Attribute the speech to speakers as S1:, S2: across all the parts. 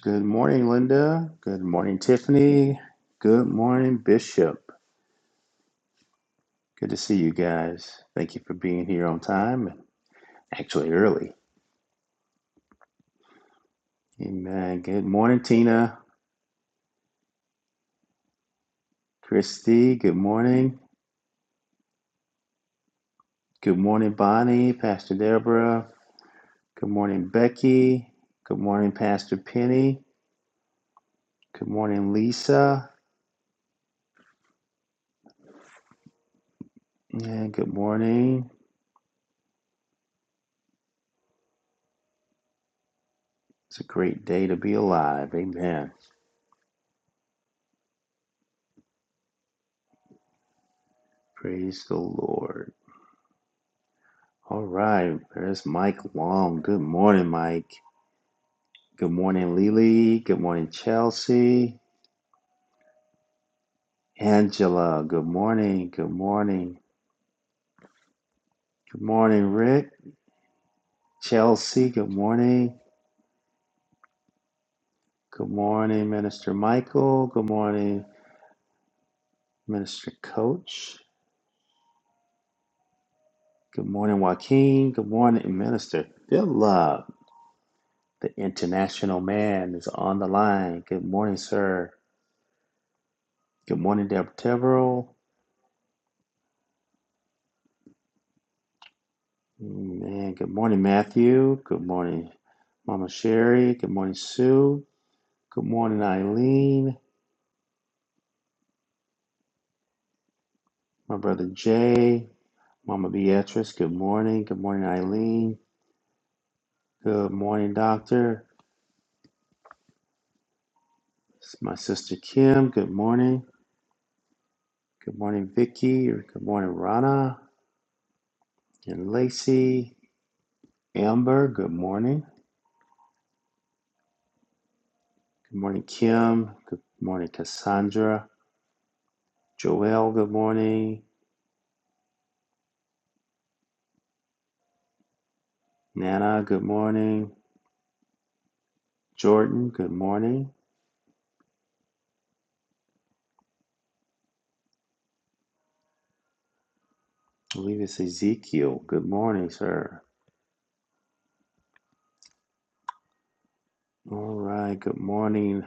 S1: Good morning, Linda. Good morning, Tiffany. Good morning, Bishop. Good to see you guys. Thank you for being here on time and actually early. Amen. Good morning, Tina. Christy, good morning. Good morning, Bonnie, Pastor Deborah. Good morning, Becky. Good morning, Pastor Penny. Good morning, Lisa. And good morning. It's a great day to be alive. Amen. Praise the Lord. All right, there's Mike Long. Good morning, Mike. Good morning, Lily. Good morning, Chelsea. Angela, good morning. Good morning. Good morning, Rick. Chelsea, good morning. Good morning, Minister Michael. Good morning, Minister Coach. Good morning, Joaquin. Good morning, Minister Philip. The international man is on the line. Good morning, sir. Good morning, Deborah Teverell. Man, good morning, Matthew. Good morning, Mama Sherry. Good morning, Sue. Good morning, Eileen. My brother Jay. Mama Beatrice. Good morning. Good morning, Eileen. Good morning, Doctor. It's My sister Kim. Good morning. Good morning, Vicky. Good morning, Rana and Lacey. Amber. Good morning. Good morning, Kim. Good morning, Cassandra. Joelle. Good morning. Nana. Good morning. Jordan. Good morning. I believe it's Ezekiel. Good morning, sir. All right. Good morning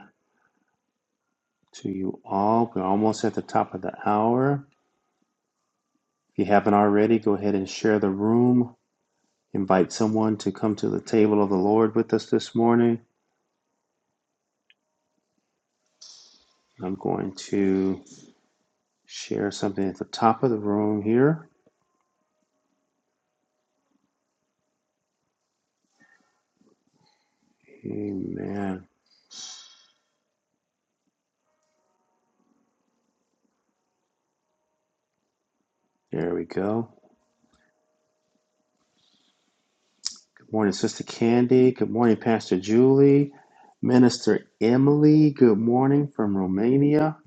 S1: to you all. We're almost at the top of the hour. If you haven't already, go ahead and share the room. Invite someone to come to the table of the Lord with us this morning. I'm going to share something at the top of the room here. Amen. There we go. Good morning, Sister Candy. Good morning, Pastor Julie. Minister Emily, good morning from Romania.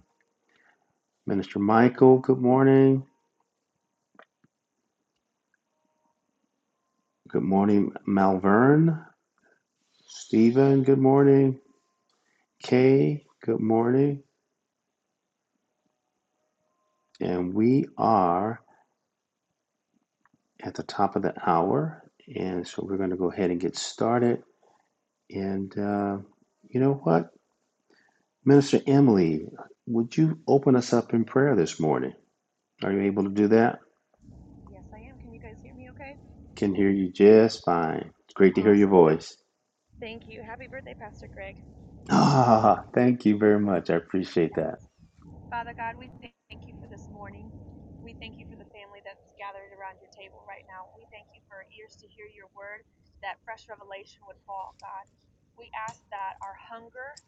S1: Minister Michael, good morning. Good morning, Malvern. Stephen, good morning. Kay, good morning. And we are at the top of the hour. And so we're going to go ahead and get started. And uh, you know what? Minister Emily, would you open us up in prayer this morning? Are you able to do that?
S2: Yes, I am. Can you guys hear me okay?
S1: Can hear you just fine. It's great to hear your
S2: Awesome. Hap-
S1: voice.
S2: Thank you. Happy birthday, Pastor Greg.
S1: Ah, thank you very much. I appreciate that.
S2: Yes. Father God, we thank you for this morning. We thank you for the family that's gathered around your table right now. We thank you for ears to hear your word, that fresh revelation would fall, God. We ask that our hunger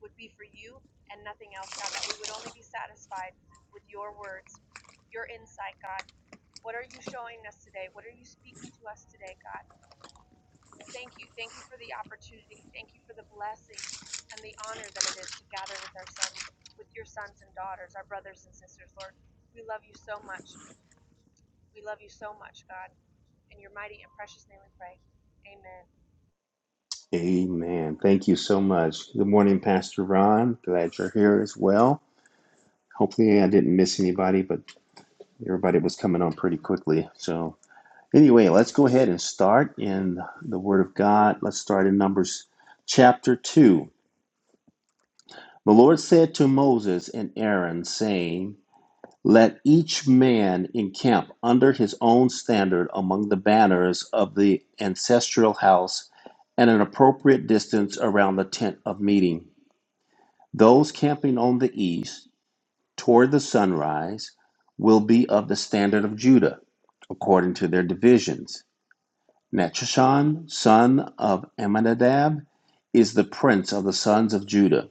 S2: would be for you and nothing else, God, that we would only be satisfied with your words, your insight, God. What are you showing us today? What are you speaking to us today, God? Thank you. Thank you for the opportunity. Thank you for the blessing and the honor that it is to gather with our sons, with your sons and daughters, our brothers and sisters, Lord. We love you so much. We love you so much, God. In your mighty and precious name we pray. Amen.
S1: Amen. Thank you so much. Good morning, Pastor Ron. Glad you're here as well. Hopefully, I didn't miss anybody, but everybody was coming on pretty quickly. So, anyway, let's go ahead and start in the Word of God. Let's start in Numbers chapter 2. The Lord said to Moses and Aaron, saying, Let each man encamp under his own standard among the banners of the ancestral house at an appropriate distance around the tent of meeting. Those camping on the east toward the sunrise will be of the standard of Judah, according to their divisions. Netshon, son of Amminadab, is the prince of the sons of Judah.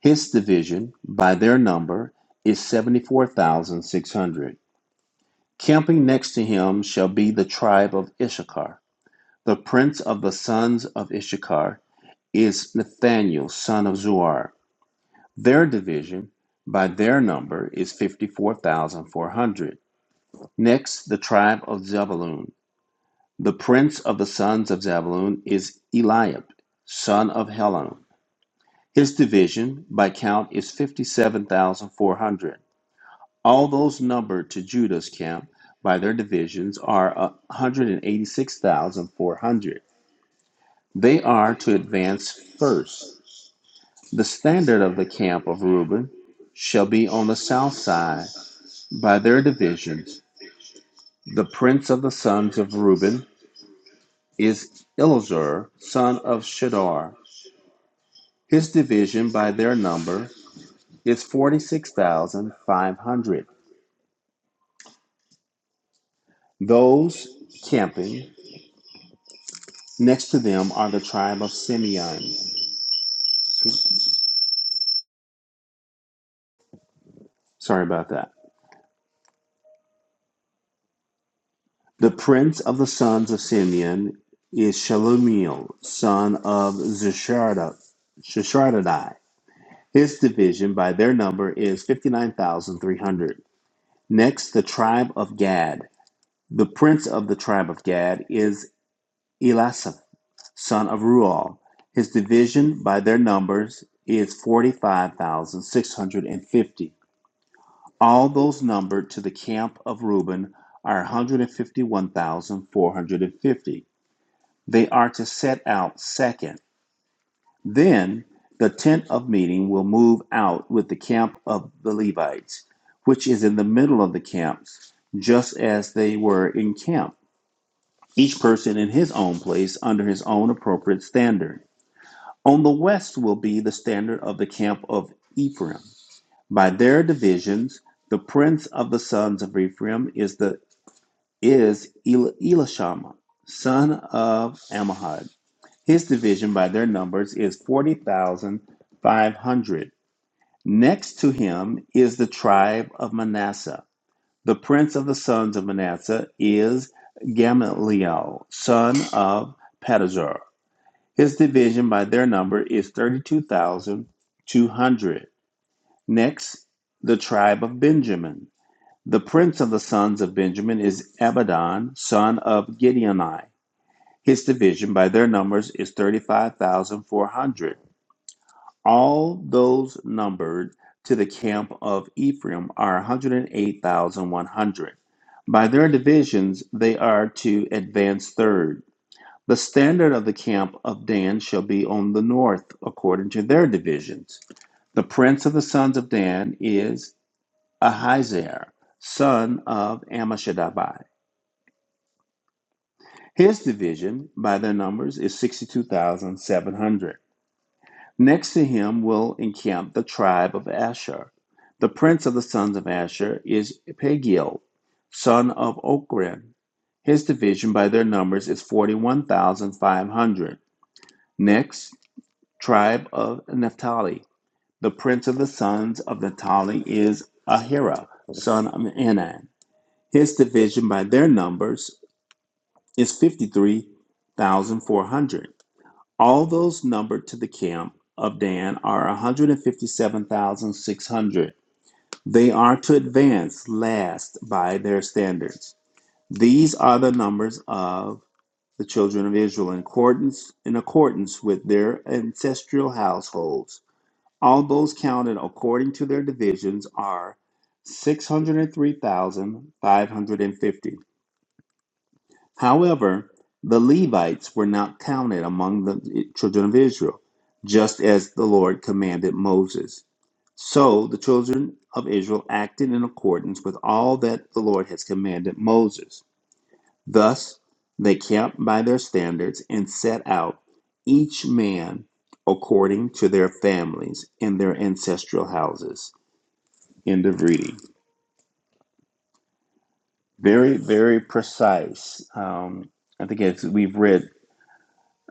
S1: His division, by their number, is 74,600. Camping next to him shall be the tribe of Issachar. The prince of the sons of Issachar is Nathaniel, son of Zuar. Their division by their number is 54,400. Next, the tribe of Zebulun. The prince of the sons of Zebulun is Eliab, son of Helon. His division by count is 57,400. All those numbered to Judah's camp by their divisions are 186,400. They are to advance first. The standard of the camp of Reuben shall be on the south side By their divisions, the prince of the sons of Reuben is Elizur, son of Shedar. His division by their number is 46,500. Those camping next to them are the tribe of Simeon. Sorry about that. The prince of the sons of Simeon is Shalumiel, son of Zisharadai. His division by their number is 59,300. Next, the tribe of Gad. The prince of the tribe of Gad is Elisaph, son of Ruel. His division by their numbers is 45,650. All those numbered to the camp of Reuben are 151,450. They are to set out second. Then the tent of meeting will move out with the camp of the Levites, which is in the middle of the camps, just as they were in camp. each person in his own place under his own appropriate standard. On the west will be the standard of the camp of Ephraim. By their divisions, the prince of the sons of Ephraim is the is El- Elishama, son of Ammihud. His division by their numbers is forty thousand five hundred. Next to him is the tribe of Manasseh. The prince of the sons of Manasseh is Gamaliel, son of Pedazur. His division by their number is 32,200. Next, the tribe of Benjamin. The prince of the sons of Benjamin is Abidan, son of Gideoni. His division by their numbers is 35,400. All those numbered to the camp of Ephraim are 108,100. By their divisions, they are to advance third. The standard of the camp of Dan shall be on the north according to their divisions. The prince of the sons of Dan is Ahizer, son of Ammishaddai. His division, by their numbers, is 62,700. Next to him will encamp the tribe of Asher. The prince of the sons of Asher is Pagiel, son of Ochran. His division, by their numbers, is 41,500. Next, tribe of Naphtali. The prince of the sons of Naphtali is Ahira, son of Enan. His division by their numbers is 53,400. All those numbered to the camp of Dan are 157,600. They are to advance last by their standards. These are the numbers of the children of Israel in accordance in accordance with their ancestral households All those counted according to their divisions are 603,550. However, the Levites were not counted among the children of Israel, just as the Lord commanded Moses. So the children of Israel acted in accordance with all that the Lord has commanded Moses. Thus, they kept by their standards and set out, each man according to their families and their ancestral houses. End of reading. Very, very precise. Um, I think as we've read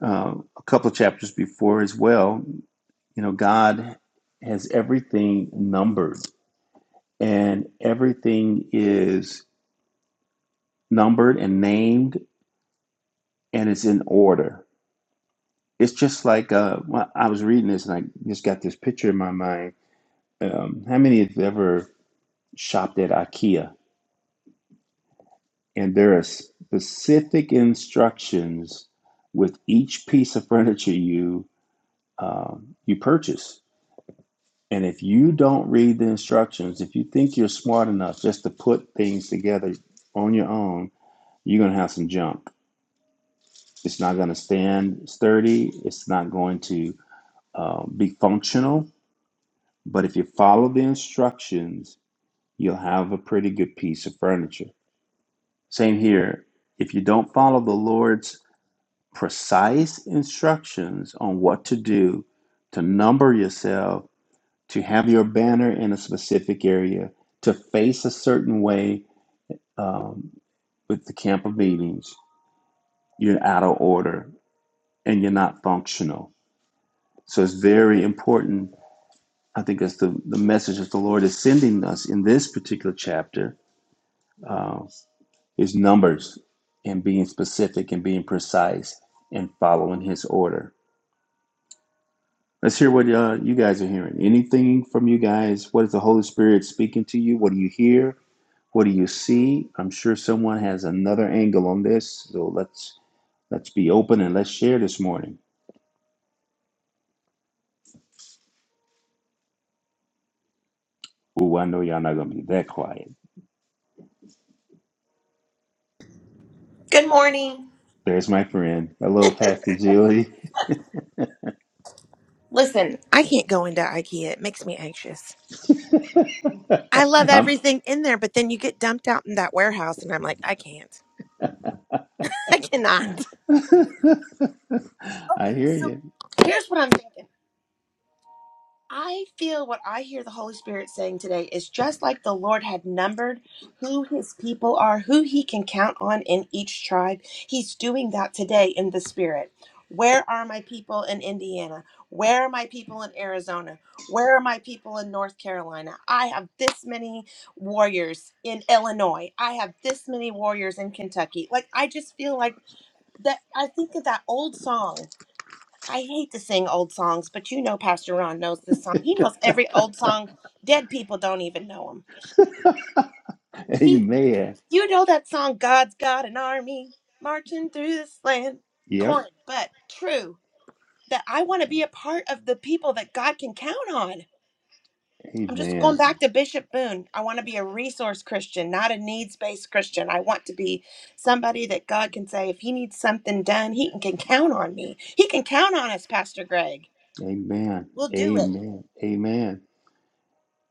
S1: uh, a couple of chapters before as well, you know, God has everything numbered and everything is numbered and named and it's in order. It's just like uh, when I was reading this and I just got this picture in my mind. Um, how many have ever shopped at IKEA and there are specific instructions with each piece of furniture you um, you purchase. And if you don't read the instructions, if you think you're smart enough just to put things together on your own, you're going to have some junk. It's not going to stand sturdy. It's not going to uh, be functional. But if you follow the instructions, you'll have a pretty good piece of furniture. Same here. If you don't follow the Lord's precise instructions on what to do to number yourself, to have your banner in a specific area, to face a certain way um, with the camp of meetings, you're out of order and you're not functional. So it's very important. I think that's the, the message that the Lord is sending us in this particular chapter uh, is numbers and being specific and being precise and following his order. Let's hear what uh, you guys are hearing. Anything from you guys? What is the Holy Spirit speaking to you? What do you hear? What do you see? I'm sure someone has another angle on this. So let's let's be open and let's share this morning. Ooh, I know y'all not gonna be that quiet.
S3: Good morning.
S1: There's my friend. Hello, Pastor Julie.
S3: Listen, I can't go into IKEA. It makes me anxious. I love
S1: I'm
S3: everything in there, but then you get dumped out in that warehouse, and I'm like, I can't. I cannot. Okay,
S1: I hear
S3: so
S1: you.
S3: here's what I'm thinking. I feel what I hear the Holy Spirit saying today is just like the Lord had numbered who his people are, who he can count on in each tribe. He's doing that today in the Spirit. Where are my people in Indiana? Where are my people in Arizona? Where are my people in North Carolina? I have this many warriors in Illinois. I have this many warriors in Kentucky. Like, I just feel like that. I think of that old song I hate to sing old songs, but you know Pastor Ron knows this song. He knows every old song. Dead people don't even know him. He,
S1: Amen.
S3: you know that song, God's Got an Army Marching Through This Land.
S1: Yep.
S3: Corn, but true that I want to be a part of the people that God can count on. I'm just going
S1: Amen.
S3: back to Bishop Boone. I want to be a resource Christian, not a needs based Christian. I want to be somebody that God can say, if he needs something done, he can can count on me. He can count on us, Pastor Greg.
S1: Amen.
S3: We'll do it.
S1: Amen. Amen.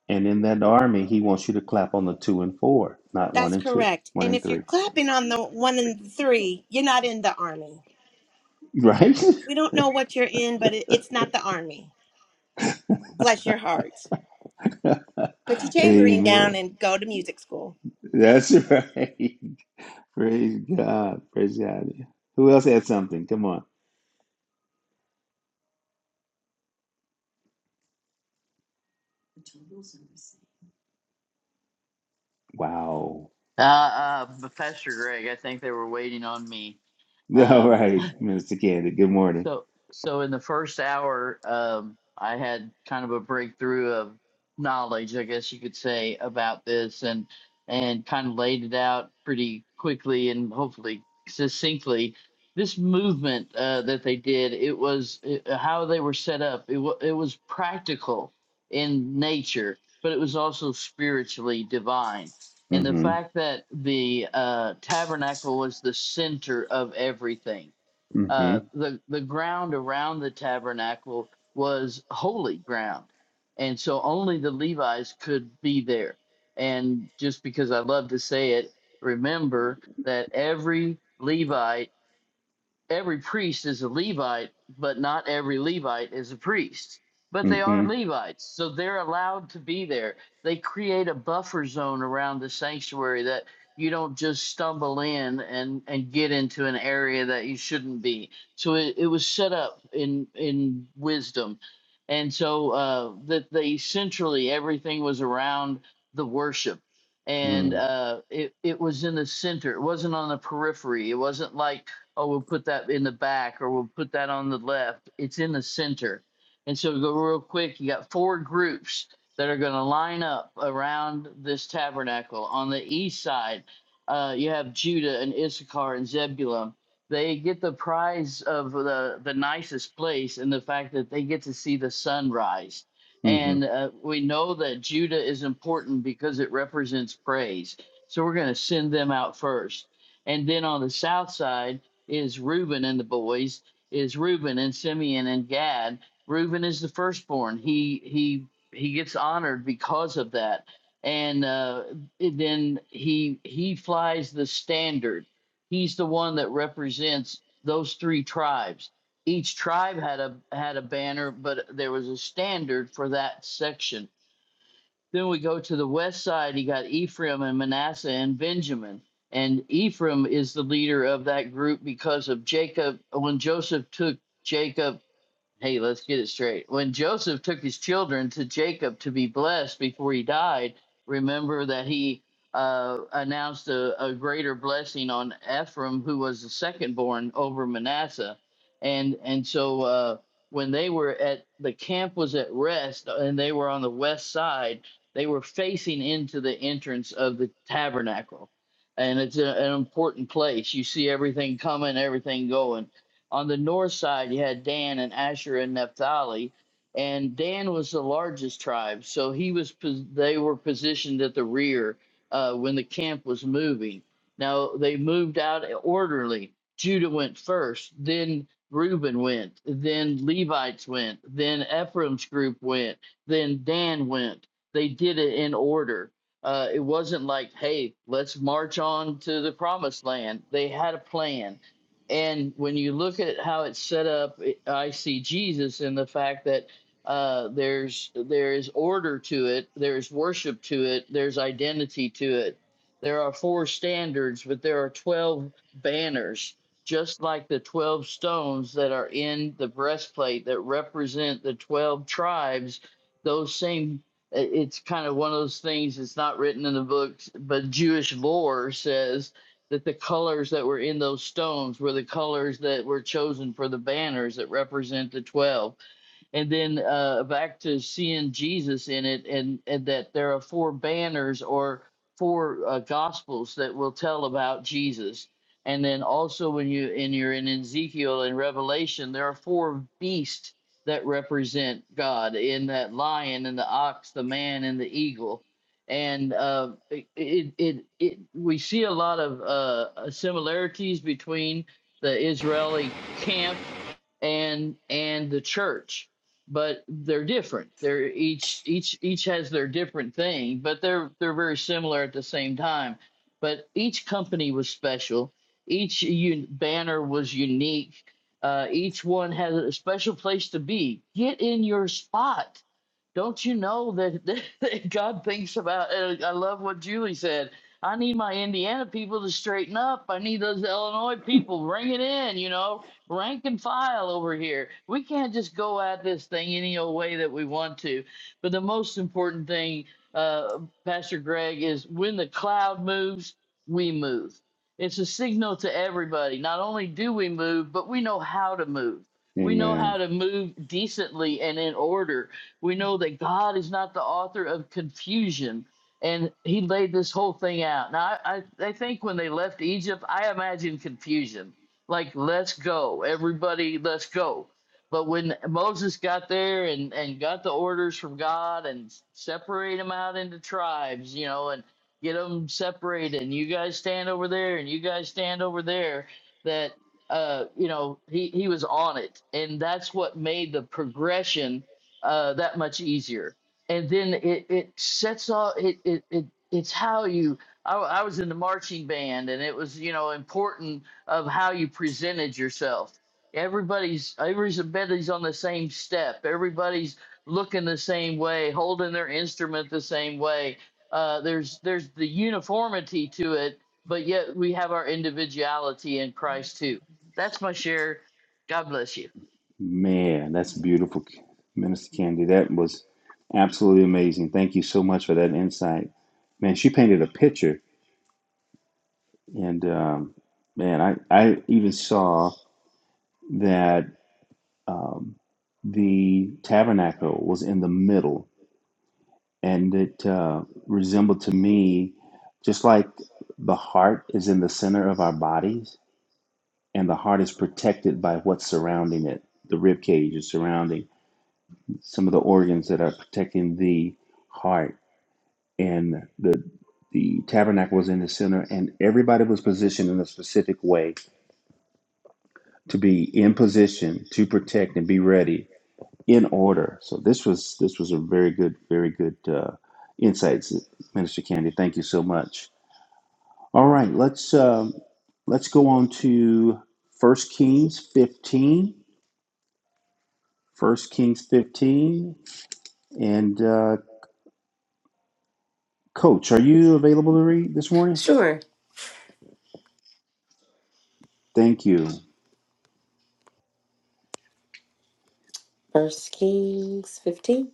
S1: And in that army, he wants you to clap on the two and four, not one
S3: That's
S1: and two,
S3: correct.
S1: one
S3: And
S1: and
S3: if you're
S1: three.
S3: clapping on the one and three, you're not in the army.
S1: Right?
S3: We don't know what you're in, but it, it's not the army. Bless your heart. Put your tambourine down
S1: Amen.
S3: and go to music school.
S1: That's right. Praise God. Praise God. Who else had something? Come on. Wow.
S4: Uh, uh, Pastor Greg, I think they were waiting on me.
S1: All
S4: Um,
S1: right, Minister Candy. Good morning.
S4: so, so in the first hour, um, I had kind of a breakthrough of knowledge, I guess you could say, about this, and and kind of laid it out pretty quickly and hopefully succinctly. This movement uh, that they did, it was it, uh, how they were set up. It wa it was practical in nature, but it was also spiritually divine. And the
S1: Mm-hmm.
S4: fact that the uh, tabernacle was the center of everything
S1: Mm-hmm.
S4: uh, the the ground around the tabernacle was holy ground, and so only the Levites could be there. And just because I love to say it, remember that every Levite every priest is a Levite, but not every Levite is a priest. But they
S1: Mm-hmm.
S4: are Levites, so they're allowed to be there. They create a buffer zone around the sanctuary that you don't just stumble in and, and get into an area that you shouldn't be. So it, it was set up in in wisdom. And so uh, that they centrally everything was around the worship. And
S1: Mm-hmm.
S4: uh, it, it was in the center. It wasn't on the periphery. It wasn't like oh, we'll put that in the back or we'll put that on the left. It's in the center. And so go real quick. You got four groups that are going to line up around this tabernacle. On the east side, uh, you have Judah and Issachar and Zebulun. They get the prize of the, the nicest place and the fact that they get to see the sunrise.
S1: Mm-hmm.
S4: And uh, we know that Judah is important because it represents praise. So we're going to send them out first. And then on the south side, is Reuben and the boys is Reuben and Simeon and Gad. Reuben is the firstborn. He he he gets honored because of that, and uh, then he he flies the standard. He's the one that represents those three tribes. Each tribe had a had a banner, but there was a standard for that section. Then we go to the west side. You got Ephraim and Manasseh and Benjamin. And Ephraim is the leader of that group because of Jacob. When Joseph took Jacob Hey, let's get it straight. When Joseph took his children to Jacob to be blessed before he died, remember that he uh, announced a, a greater blessing on Ephraim, who was the second born over Manasseh. And and so uh, when they were at the camp was at rest and they were on the west side, they were facing into the entrance of the tabernacle. And it's a, an important place. You see everything coming, everything going on the north side, you had Dan and Asher and Naphtali, and Dan was the largest tribe, so he was they were positioned at the rear uh, when the camp was moving. Now they moved out orderly. Judah went first, then Reuben went, then Levites went, then Ephraim's group went, then Dan went. They did it in order. Uh, it wasn't like, hey, let's march on to the promised land. They had a plan and when you look at how it's set up, it- I see Jesus in the fact that uh, there's there is order to it, there's worship to it, there's identity to it. There are four standards, but there are twelve banners, just like the twelve stones that are in the breastplate that represent the twelve tribes. Those same. It's kind of one of those things. that's not written in the books, but Jewish lore says that the colors that were in those stones were the colors that were chosen for the banners that represent the 12 and then uh, back to seeing Jesus in it, and, and that there are four banners or four uh, gospels that will tell about Jesus. And then also when you in you're in Ezekiel and Revelation, there are four beasts that represent God in that lion and the ox, the man and the eagle. And uh, it, it, it, it, we see a lot of uh, similarities between the Israeli camp and and the church but they're different they're each each each has their different thing but they're they're very similar at the same time but each company was special each un- banner was unique uh, each one has a special place to be get in your spot don't you know that, that god thinks about and i love what julie said I need my Indiana people to straighten up. I need those Illinois people. Bring it in, you know rank and file over here. We can't just go at this thing any old way that we want to. But the most important thing, uh, Pastor Greg, is when the cloud moves, we move. It's a signal to everybody. Not only do we move, but we know how to move. We know
S1: Amen.
S4: how to move decently and in order. We know that God is not the author of confusion and he laid this whole thing out. Now, I, I, I think when they left Egypt, I imagine confusion like let's go everybody let's go but when moses got there and and got the orders from god and separate them out into tribes you know and get them separated and you guys stand over there and you guys stand over there that uh you know he he was on it and that's what made the progression uh that much easier and then it it sets off it it, it it's how you I, I was in the marching band and it was you know important of how you presented yourself. Everybody's everybody's on the same step. Everybody's looking the same way, holding their instrument the same way. Uh, there's there's the uniformity to it, but yet we have our individuality in Christ too. That's my share. God bless you.
S1: Man, that's beautiful, Minister Candy. That was absolutely amazing. Thank you so much for that insight. Man, she painted a picture And um, man, I, I even saw that um, the tabernacle was in the middle, and it uh, resembled to me just like the heart is in the center of our bodies, and the heart is protected by what's surrounding it. The rib cage is surrounding some of the organs that are protecting the heart, and the the tabernacle was in the center, and everybody was positioned in a specific way to be in position to protect and be ready in order. So this was this was a very good, very good uh, insights, Minister Candy. Thank you so much. All right, let's um, let's go on to First Kings fifteen. First Kings fifteen, and uh, Coach, are you available to read this morning?
S5: Sure.
S1: Thank you.
S5: First Kings 15.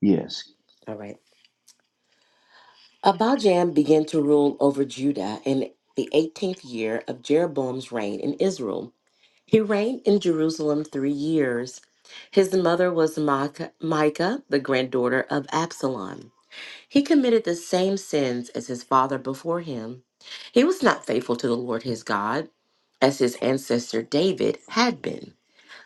S1: Yes.
S5: All right. Abijam began to rule over Judah in the 18th year of Jeroboam's reign in Israel. He reigned in Jerusalem three years. His mother was Maacah- Micah, the granddaughter of Absalom. He committed the same sins as his father before him. He was not faithful to the Lord his God, as his ancestor David had been.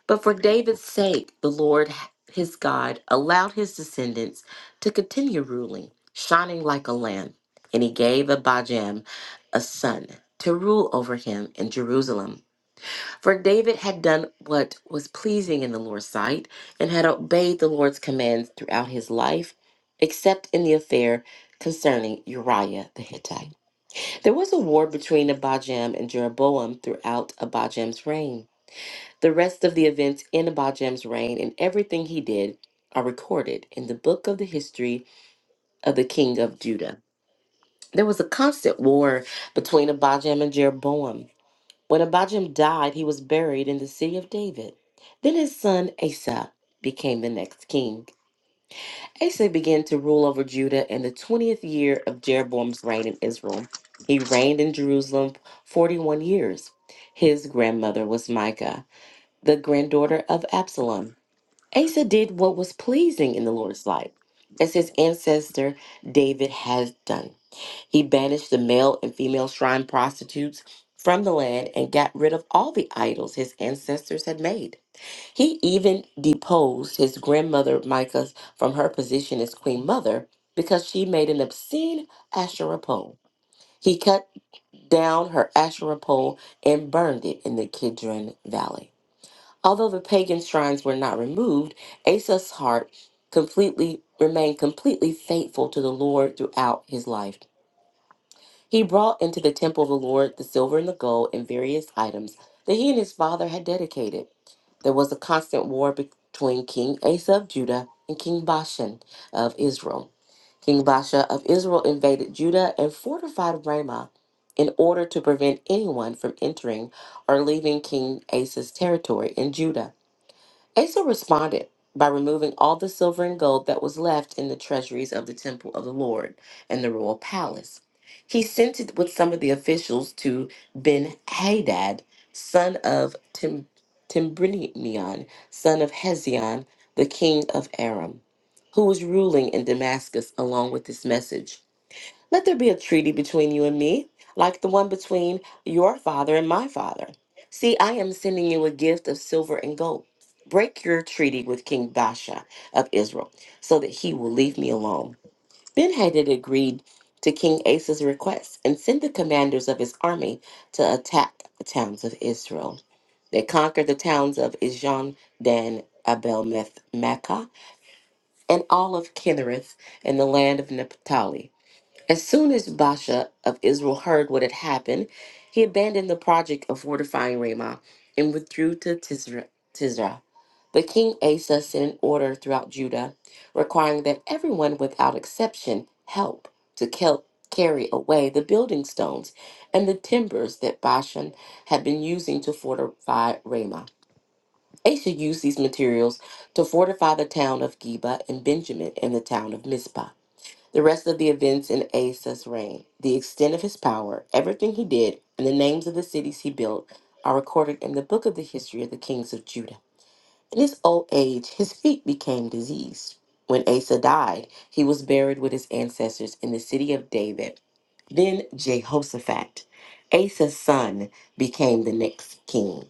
S5: But for David's sake, the Lord, his God, allowed his descendants to continue ruling, shining like a lamp. And he gave Abijam a son to rule over him in Jerusalem. For David had done what was pleasing in the Lord's sight and had obeyed the Lord's commands throughout his life, except in the affair concerning Uriah the Hittite. There was a war between Abijam and Jeroboam throughout Abijam's reign. The rest of the events in Abijam's reign and everything he did are recorded in the book of the history of the king of Judah. There was a constant war between Abijam and Jeroboam. When Abijam died, he was buried in the city of David. Then his son Asa became the next king. Asa began to rule over Judah in the 20th year of Jeroboam's reign in Israel. He reigned in Jerusalem 41 years. His grandmother was Micah, the granddaughter of Absalom. Asa did what was pleasing in the Lord's sight, as his ancestor David had done. He banished the male and female shrine prostitutes from the land and got rid of all the idols his ancestors had made. He even deposed his grandmother Micah from her position as queen mother because she made an obscene Asherah pole. He cut down her Asherah pole and burned it in the Kidron Valley. Although the pagan shrines were not removed, Asa's heart completely remained completely faithful to the Lord throughout his life. He brought into the temple of the Lord the silver and the gold and various items that he and his father had dedicated. There was a constant war between King Asa of Judah and King Bashan of Israel. King Baasha of Israel invaded Judah and fortified Ramah in order to prevent anyone from entering or leaving King Asa's territory in Judah. Asa responded by removing all the silver and gold that was left in the treasuries of the temple of the Lord and the royal palace. He sent it with some of the officials to Ben Hadad, son of Tim, Timbrinion, son of Hezion, the king of Aram, who was ruling in Damascus, along with this message. Let there be a treaty between you and me, like the one between your father and my father. See, I am sending you a gift of silver and gold. Break your treaty with King Basha of Israel, so that he will leave me alone. Benhadad agreed to King Asa's request and sent the commanders of his army to attack the towns of Israel. They conquered the towns of Ijon, Dan, Abel, Meth, Makkah, and all of Kinnereth and the land of Naphtali. As soon as Basha of Israel heard what had happened, he abandoned the project of fortifying Ramah and withdrew to Tisra. Tisra. But King Asa sent an order throughout Judah requiring that everyone without exception help to kel- carry away the building stones and the timbers that Bashan had been using to fortify Ramah. Asa used these materials to fortify the town of Geba and Benjamin and the town of Mizpah. The rest of the events in Asa's reign, the extent of his power, everything he did, and the names of the cities he built are recorded in the book of the history of the kings of Judah. In his old age, his feet became diseased. When Asa died, he was buried with his ancestors in the city of David. Then Jehoshaphat, Asa's son, became the next king.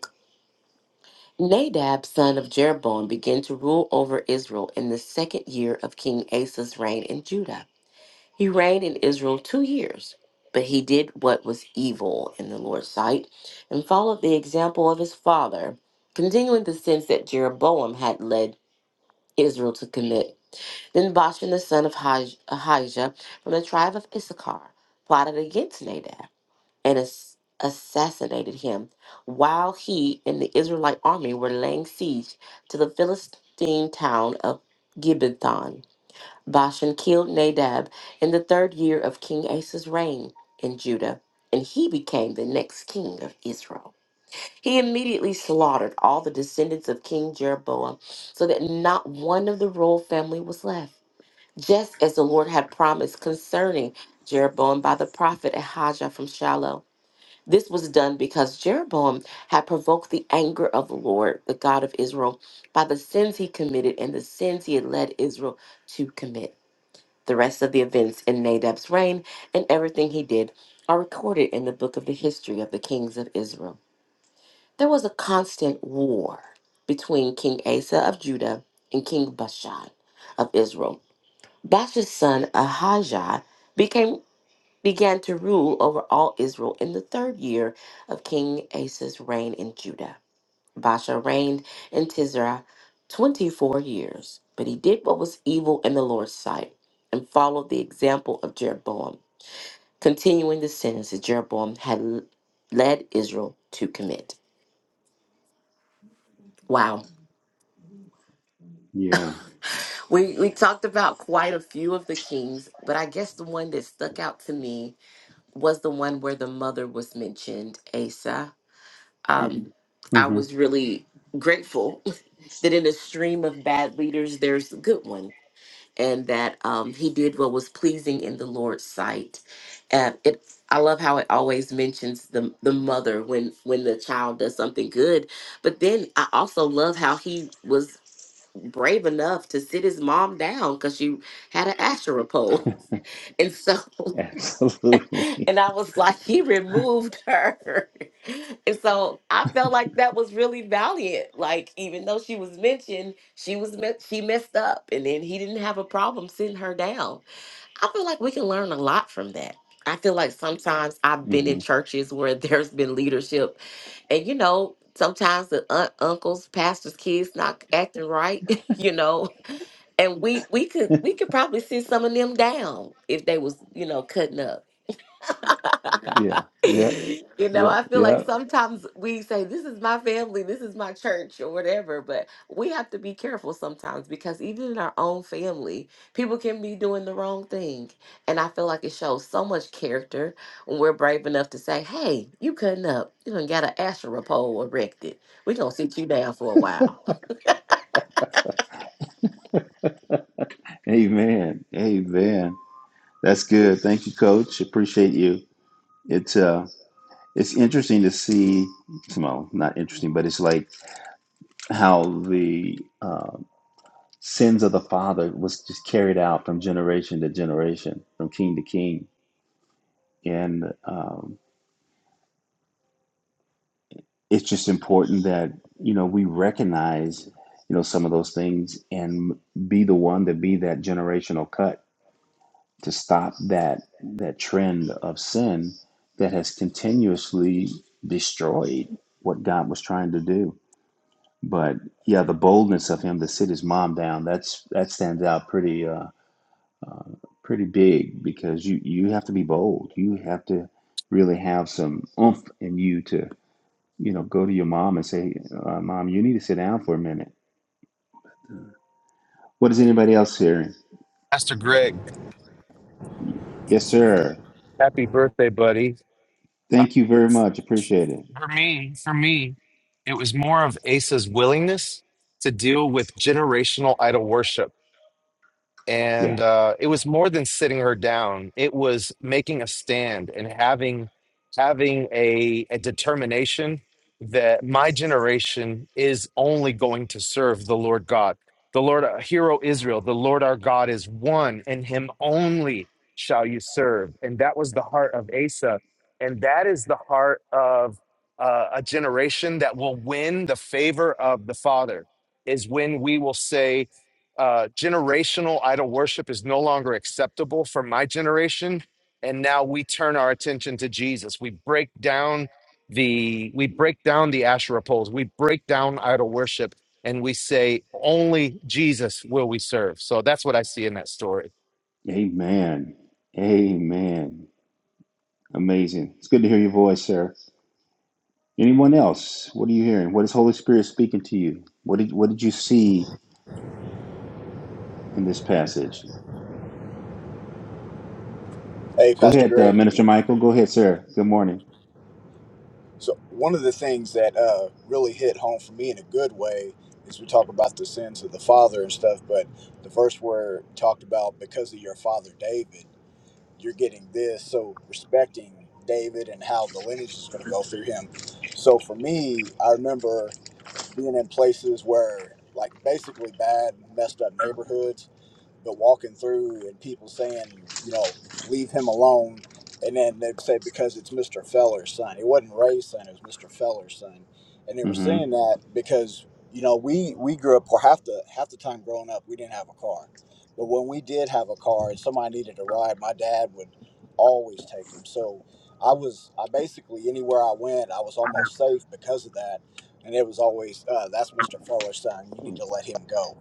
S5: Nadab, son of Jeroboam, began to rule over Israel in the second year of King Asa's reign in Judah. He reigned in Israel two years, but he did what was evil in the Lord's sight and followed the example of his father, continuing the sins that Jeroboam had led Israel to commit. Then Bashan, the son of Hij- Ahijah from the tribe of Issachar, plotted against Nadab and ass- assassinated him while he and the Israelite army were laying siege to the Philistine town of Gibbethon. Bashan killed Nadab in the third year of King Asa's reign in Judah, and he became the next king of Israel. He immediately slaughtered all the descendants of King Jeroboam so that not one of the royal family was left, just as the Lord had promised concerning Jeroboam by the prophet Ahijah from Shiloh. This was done because Jeroboam had provoked the anger of the Lord, the God of Israel, by the sins he committed and the sins he had led Israel to commit. The rest of the events in Nadab's reign and everything he did are recorded in the book of the history of the kings of Israel. There was a constant war between King Asa of Judah and King Bashan of Israel. Baasha's son Ahijah became began to rule over all Israel in the third year of King Asa's reign in Judah. Baasha reigned in Tisra 24 years, but he did what was evil in the Lord's sight and followed the example of Jeroboam, continuing the sins that Jeroboam had l- led Israel to commit. Wow.
S1: Yeah.
S5: We, we talked about quite a few of the kings, but I guess the one that stuck out to me was the one where the mother was mentioned, Asa. Um, Mhm. I
S1: hmm
S5: was really grateful that in a stream of bad leaders, there's a good one and that um, he did what was pleasing in the Lord's sight. And it, I love how it always mentions the the mother when when the child does something good. But then I also love how he was brave enough to sit his mom down because she had an Asherah pole, and so
S1: Absolutely.
S5: and I was like, he removed her. and so I felt like that was really valiant. Like, even though she was mentioned, she was me- she messed up, and then he didn't have a problem sitting her down. I feel like we can learn a lot from that. I feel like sometimes I've been in
S1: hmm
S5: churches where there's been leadership, and you know, sometimes the aunt, uncles, pastors' kids not acting right, you know, and we we could we could probably sit some of them down if they was you know cutting up
S1: Yeah. Yeah.
S5: you know,
S1: Yeah.
S5: I feel like
S1: Yeah.
S5: sometimes we say, This is my family, this is my church, or whatever, but we have to be careful sometimes because even in our own family, people can be doing the wrong thing. And I feel like it shows so much character when we're brave enough to say, Hey, you cutting up. You done got an Asherah pole erected. We're going to sit you down for a while.
S1: Amen. Amen. That's good. Thank you, Coach. Appreciate you. It's uh, it's interesting to see. Well, not interesting, but it's like how the uh, sins of the father was just carried out from generation to generation, from king to king, and um, it's just important that you know we recognize you know some of those things and be the one to be that generational cut to stop that that trend of sin that has continuously destroyed what God was trying to do. But yeah, the boldness of him to sit his mom down that's that stands out pretty uh, uh, pretty big because you you have to be bold. You have to really have some oomph in you to you know go to your mom and say, uh, "Mom, you need to sit down for a minute." What is anybody else hearing?
S6: Pastor Greg.
S1: Yes, sir.
S6: Happy birthday, buddy.
S1: Thank you very much. Appreciate it.
S6: For me, for me, it was more of Asa's willingness to deal with generational idol worship.
S1: Yeah.
S6: And uh, it was more than sitting her down. It was making a stand and having having a, a determination that my generation is only going to serve the Lord God, the Lord uh, Hero Israel, the Lord our God is one, and Him only shall you serve. And that was the heart of Asa, and that is the heart of uh, a generation that will win the favor of the Father. Is when we will say uh, generational idol worship is no longer acceptable for my generation. And now we turn our attention to Jesus. We break down the we break down the Asherah poles. We break down idol worship, and we say only Jesus will we serve. So that's what I see in that story.
S1: Amen. Amen. Amazing. It's good to hear your voice, Sarah. Anyone else? What are you hearing? What is Holy Spirit speaking to you? What did What did you see in this passage?
S7: Hey,
S1: Go
S7: Pastor
S1: ahead, uh,
S7: Greg.
S1: Minister Michael. Go ahead, Sarah. Good morning.
S7: So, one of the things that uh, really hit home for me in a good way is we talk about the sins of the father and stuff, but the verse where it talked about because of your father David, you're getting this. So, respecting David and how the lineage is going to go through him. So, for me, I remember being in places where, like, basically bad, messed up neighborhoods but walking through and people saying, you know, leave him alone. And then they'd say, because it's Mr. Feller's son. It wasn't Ray's son, it was Mr. Feller's son. And they were
S1: hmm
S7: saying that because, you know, we, we grew up, or half the, half the time growing up, we didn't have a car. But when we did have a car and somebody needed a ride, my dad would always take them. So I was, I basically, anywhere I went, I was almost safe because of that. And it was always, uh, that's Mr. Feller's son. You need to let him go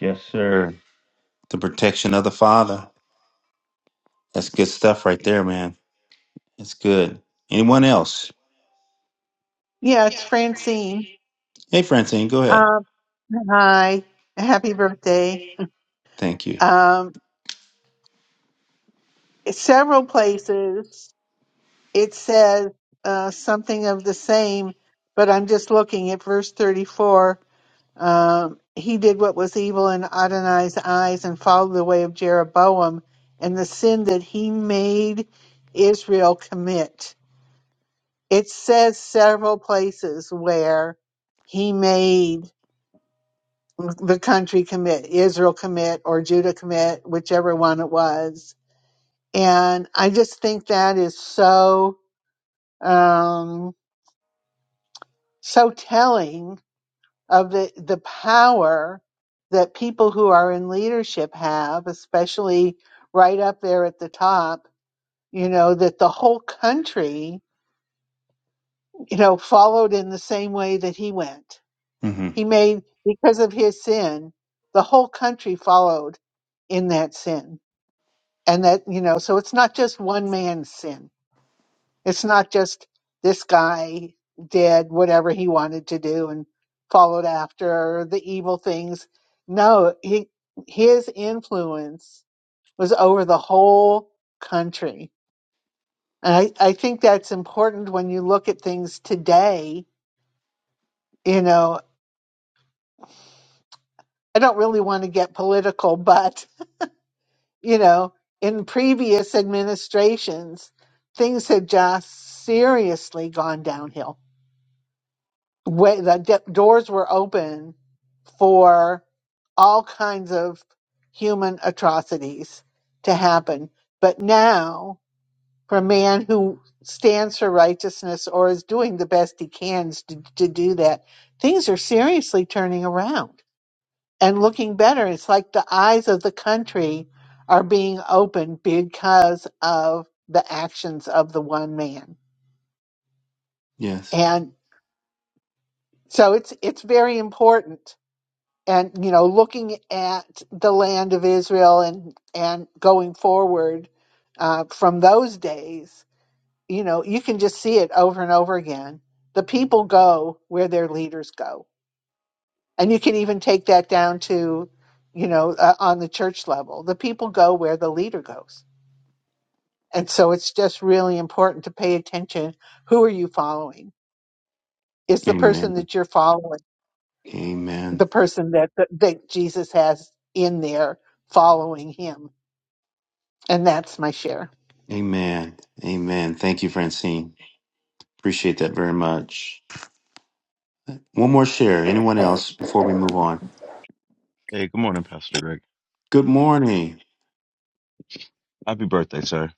S1: Yes, sir. The protection of the Father. That's good stuff right there, man. It's good. Anyone else?
S8: Yeah, it's Francine.
S1: Hey, Francine, go ahead.
S8: Um, hi, happy birthday.
S1: Thank you.
S8: Um, several places it says uh, something of the same, but I'm just looking at verse 34. Um, he did what was evil in Adonai's eyes and followed the way of Jeroboam and the sin that he made Israel commit. It says several places where he made the country commit, Israel commit, or Judah commit, whichever one it was. And I just think that is so um, so telling of the the power that people who are in leadership have, especially right up there at the top. You know that the whole country, you know, followed in the same way that he went.
S1: hmm
S8: He made because of his sin, the whole country followed in that sin and that you know so it's not just one man's sin it's not just this guy did whatever he wanted to do and followed after the evil things no he his influence was over the whole country and i, I think that's important when you look at things today you know i don't really want to get political but you know in previous administrations things had just seriously gone downhill way the d- doors were open for all kinds of human atrocities to happen. But now, for a man who stands for righteousness or is doing the best he can to, to do that, things are seriously turning around and looking better. It's like the eyes of the country are being opened because of the actions of the one man.
S1: Yes.
S8: And so it's it's very important and you know looking at the land of Israel and and going forward uh, from those days, you know you can just see it over and over again. The people go where their leaders go, and you can even take that down to you know uh, on the church level. The people go where the leader goes, and so it's just really important to pay attention. Who are you following? Is the person
S1: Amen.
S8: that you're following the
S1: Amen.
S8: person that that, that Jesus has in there following him? And that's my share.
S1: Amen. Amen. Thank you, Francine. Appreciate that very much. One more share. Anyone else before we move on?
S9: Hey, good morning, Pastor Greg.
S1: Good morning.
S9: Happy birthday, sir.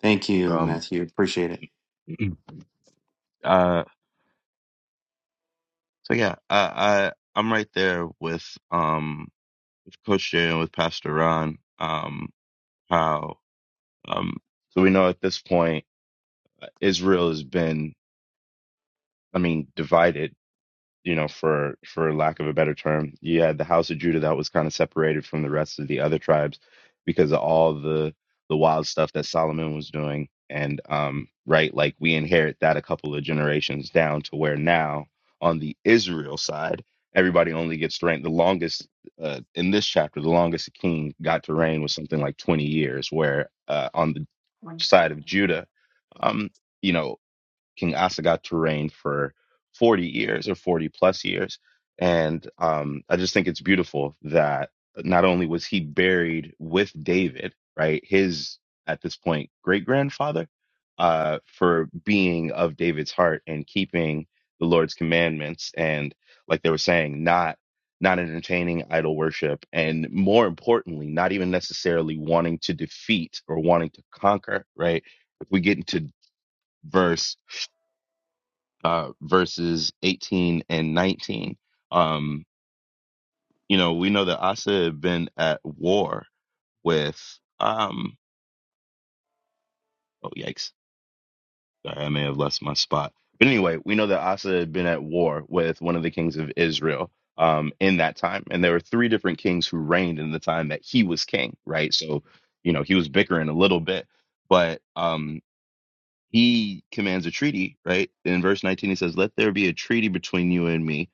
S1: Thank you,
S9: Um,
S1: Matthew. Appreciate it.
S9: uh, so yeah, I, I I'm right there with um with Coach Jay and with Pastor Ron. Um, how um so we know at this point uh, Israel has been, I mean, divided you know, for for lack of a better term. You had the house of Judah that was kind of separated from the rest of the other tribes because of all the the wild stuff that Solomon was doing. And um, right, like we inherit that a couple of generations down to where now on the Israel side, everybody only gets to reign. The longest uh, in this chapter, the longest king got to reign was something like 20 years, where uh, on the side of Judah, um, you know, King Asagat to reign for 40 years or 40 plus years. And um, I just think it's beautiful that not only was he buried with David, right, his at this point great grandfather, uh, for being of David's heart and keeping the Lord's commandments and, like they were saying, not not entertaining idol worship and more importantly not even necessarily wanting to defeat or wanting to conquer right if we get into verse uh, verses 18 and 19. Um, you know, we know that Asa had been at war with, um, oh, yikes. Sorry, I may have lost my spot. But anyway, we know that Asa had been at war with one of the kings of Israel um, in that time. And there were three different kings who reigned in the time that he was king, right? So, you know, he was bickering a little bit, but um, he commands a treaty, right? In verse 19, he says, Let there be a treaty between you and me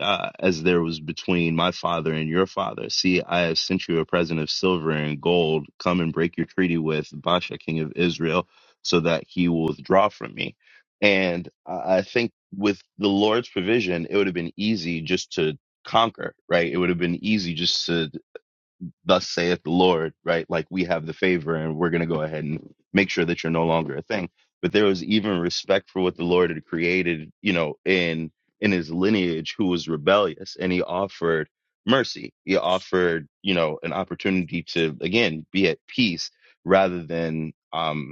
S9: uh, as there was between my father and your father. See, I have sent you a present of silver and gold. Come and break your treaty with Basha, king of Israel, so that he will withdraw from me. And I I think with the Lord's provision, it would have been easy just to conquer, right? It would have been easy just to thus saith the Lord, right? Like we have the favor and we're going to go ahead and make sure that you're no longer a thing. But there was even respect for what the Lord had created, you know, in in his lineage who was rebellious and he offered mercy. He offered, you know, an opportunity to again be at peace rather than um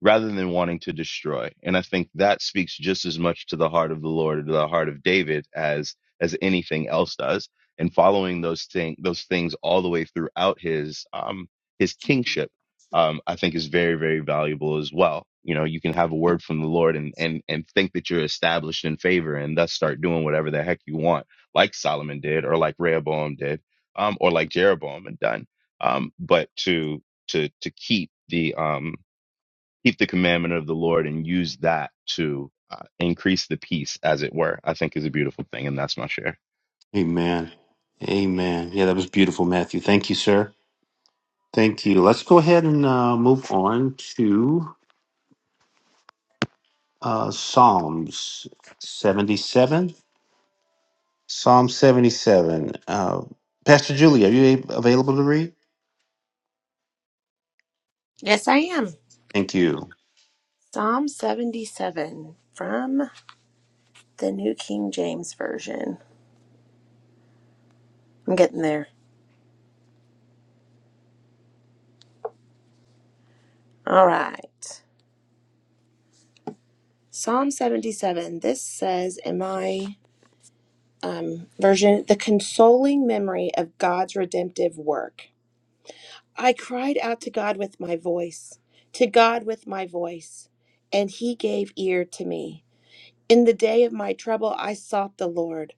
S9: rather than wanting to destroy. And I think that speaks just as much to the heart of the Lord to the heart of David as as anything else does. And following those thing those things all the way throughout his um his kingship, um, I think is very, very valuable as well. You know, you can have a word from the Lord and and and think that you're established in favor and thus start doing whatever the heck you want, like Solomon did or like Rehoboam did, um, or like Jeroboam had done. Um, but to to to keep the um keep the commandment of the Lord and use that to uh, increase the peace, as it were, I think is a beautiful thing. And that's my share.
S1: Amen. Amen. Yeah, that was beautiful, Matthew. Thank you, sir. Thank you. Let's go ahead and uh, move on to uh, Psalms 77. Psalm 77. Uh, Pastor Julie, are you a- available to read?
S3: Yes, I am.
S1: Thank you.
S3: Psalm 77 from the New King James Version. I'm getting there. All right. Psalm 77, this says in my um, version, the consoling memory of God's redemptive work. I cried out to God with my voice, to God with my voice, and he gave ear to me. In the day of my trouble, I sought the Lord.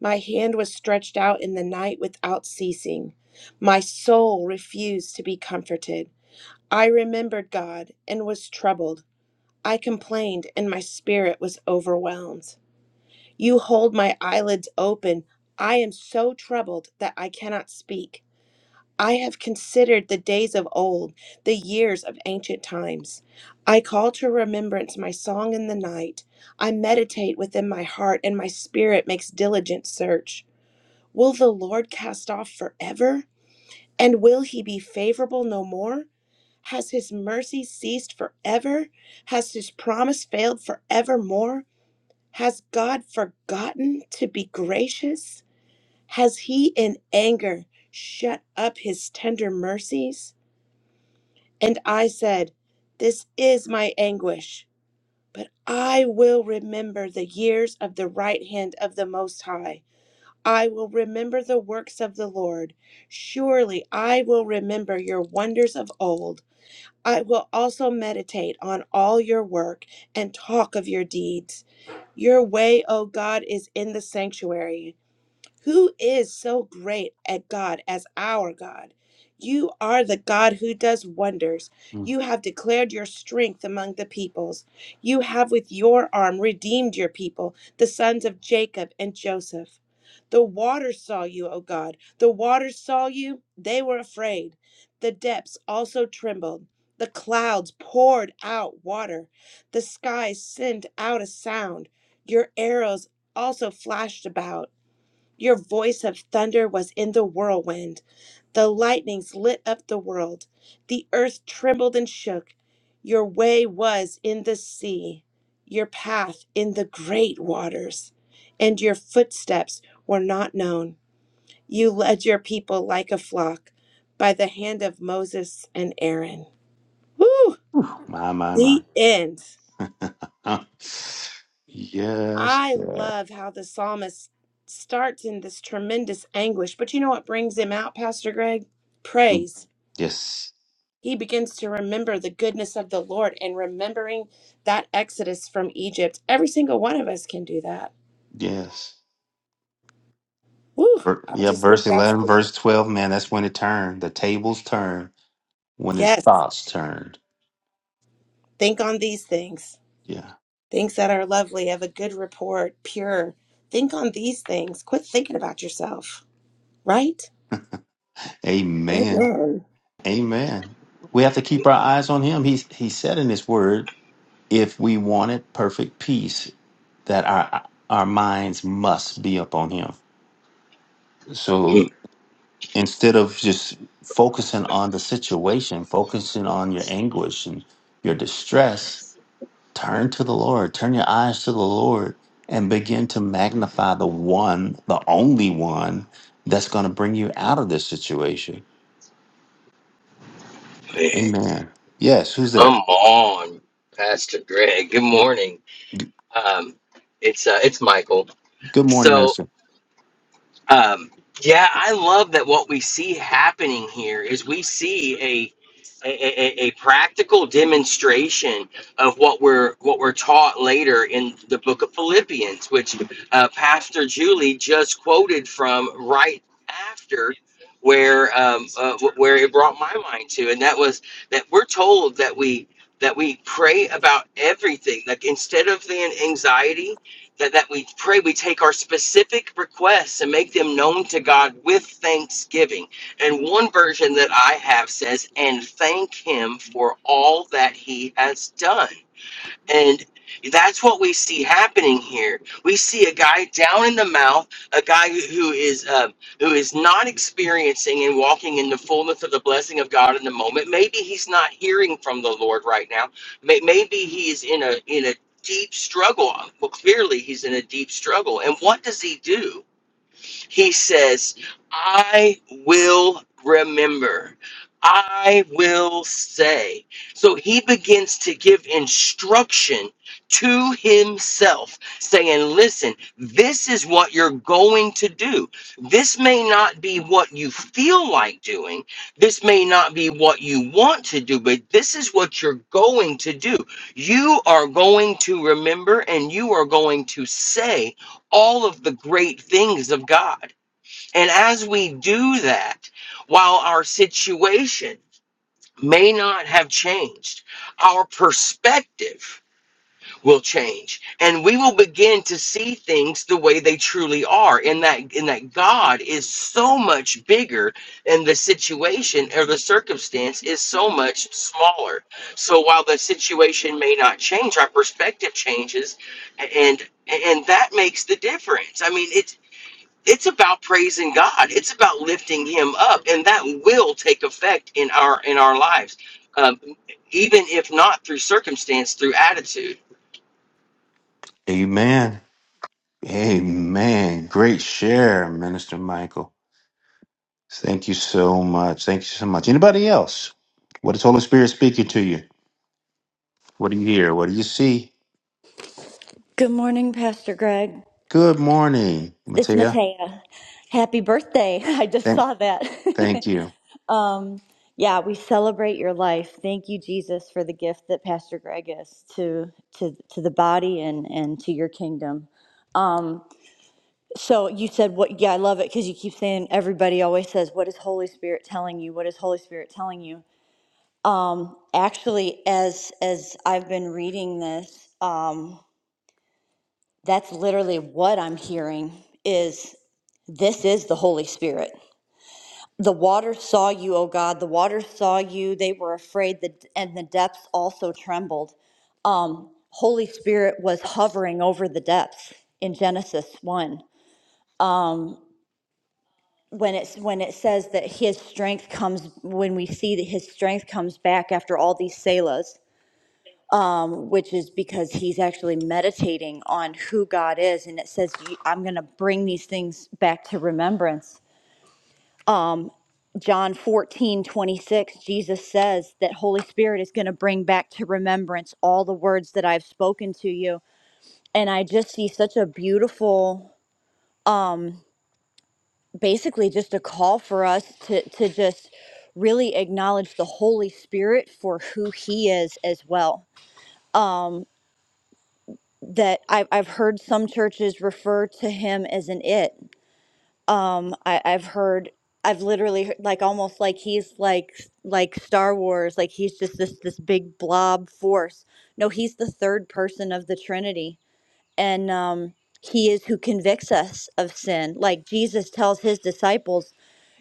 S3: My hand was stretched out in the night without ceasing. My soul refused to be comforted. I remembered God and was troubled. I complained, and my spirit was overwhelmed. You hold my eyelids open. I am so troubled that I cannot speak. I have considered the days of old, the years of ancient times. I call to remembrance my song in the night. I meditate within my heart, and my spirit makes diligent search. Will the Lord cast off forever? And will he be favorable no more? Has his mercy ceased forever? Has his promise failed forevermore? Has God forgotten to be gracious? Has he in anger shut up his tender mercies? And I said, This is my anguish, but I will remember the years of the right hand of the Most High. I will remember the works of the Lord. Surely I will remember your wonders of old. I will also meditate on all your work and talk of your deeds. Your way, O God, is in the sanctuary. Who is so great at God as our God? You are the God who does wonders.
S1: Mm.
S3: You have declared your strength among the peoples. You have with your arm redeemed your people, the sons of Jacob and Joseph. The waters saw you, O God. The waters saw you. They were afraid. The depths also trembled. The clouds poured out water. The skies sent out a sound. Your arrows also flashed about. Your voice of thunder was in the whirlwind. The lightnings lit up the world. The earth trembled and shook. Your way was in the sea, your path in the great waters, and your footsteps were not known. You led your people like a flock by the hand of Moses and Aaron. Woo!
S1: Whew, My, my, my.
S3: The end.
S1: yes.
S3: I
S1: yeah.
S3: love how the psalmist starts in this tremendous anguish, but you know what brings him out, Pastor Greg?
S1: Mm,
S3: Praise.
S1: Yes.
S3: He begins to remember the goodness of the Lord and remembering that exodus from Egypt. Every single one of us can do that.
S1: Yes.
S3: Woo!
S1: Ver-
S3: I
S1: Yeah,
S3: just
S1: verse
S3: think that's
S1: 11, verse 12, man, that's when it turned. The tables turned, when his
S3: yes.
S1: thoughts turned.
S3: Think on these things.
S1: Yeah.
S3: Things that are lovely, have a good report, pure. Think on these things. Quit thinking about yourself, right?
S1: Amen.
S3: Amen.
S1: Amen. We have to keep our eyes on him. He he said in his word, if we wanted perfect peace, that our our minds must be upon him. So
S10: Mm,
S1: instead of just focusing on the situation, focusing on your anguish and your distress, turn to the Lord. Turn your eyes to the Lord and begin to magnify the one, the only one that's going to bring you out of this situation.
S10: Man,
S1: Amen. Yes, who's there?
S10: Come on, Pastor Greg. Good morning. Um, it's uh, it's Michael.
S1: Good morning,
S10: So.
S1: Minister.
S10: Um, yeah, I love that what we see happening here is we see a a, a, a practical demonstration of what we're what we're taught later in the book of Philippians, which uh, Pastor Julie just quoted from right after where um, uh, wh- where it brought my mind to, and that was that we're told that we that we pray about everything, like instead of the anxiety that, that we pray we take our specific requests and make them known to God with thanksgiving. And one version that I have says, and thank Him for all that He has done. And that's what we see happening here. We see a guy down in the mouth, a guy who who is uh, who is not experiencing and walking in the fullness of the blessing of God in the moment. Maybe he's not hearing from the Lord right now. May- Maybe he is in a in a deep struggle. Well, clearly he's in a deep struggle. And what does he do? He says, I will remember. I will say. So he begins to give instruction to himself, saying, Listen, this is what you're going to do. This may not be what you feel like doing. This may not be what you want to do, but this is what you're going to do. You are going to remember and you are going to say all of the great things of God. And as we do that, while our situation may not have changed, our perspective will change and we will begin to see things the way they truly are in that in that God is so much bigger and the situation or the circumstance is so much smaller. So while the situation may not change, our perspective changes and and that makes the difference. I mean, it's it's about praising God. It's about lifting Him up, and that will take effect in our in our lives, um, even if not through circumstance, through attitude.
S1: Amen. Amen. Great share, Minister Michael. Thank you so much. Thank you so much. Anybody else? What is Holy Spirit speaking to you? What do you hear? What do you see?
S11: Good morning, Pastor Greg.
S1: Good morning,
S11: It's
S1: Matea.
S11: Matea. Happy birthday. I just
S1: Thank,
S11: saw that.
S1: thank you.
S11: um, yeah, we celebrate your life. Thank you, Jesus, for the gift that Pastor Greg is to to to the body and and to your kingdom. Um, so you said what yeah, I love it because you keep saying everybody always says, What is Holy Spirit telling you? What is Holy Spirit telling you? Um, actually as as I've been reading this, um, that's literally what I'm hearing is This is the Holy Spirit. The waters saw you, O God. The waters saw you. They were afraid, and the depths also trembled. Um, Holy Spirit was hovering over the depths in Genesis one. When it's when it says that His strength comes, when we see that His strength comes back after all these selahs, which is because He's actually meditating on who God is, and it says, "I'm going to bring these things back to remembrance." John 14 26, Jesus says that Holy Spirit is going to bring back to remembrance all the words that I've spoken to you. And I just see such a beautiful, basically just a call for us to, to just really acknowledge the Holy Spirit for who he is as well. That I've, I've heard some churches refer to him as an it. Um, I, I've heard, I've literally heard, like almost like he's like s- like Star Wars, like he's just this this big blob force. No, he's the third person of the Trinity, and um, he is who convicts us of sin. Like Jesus tells his disciples,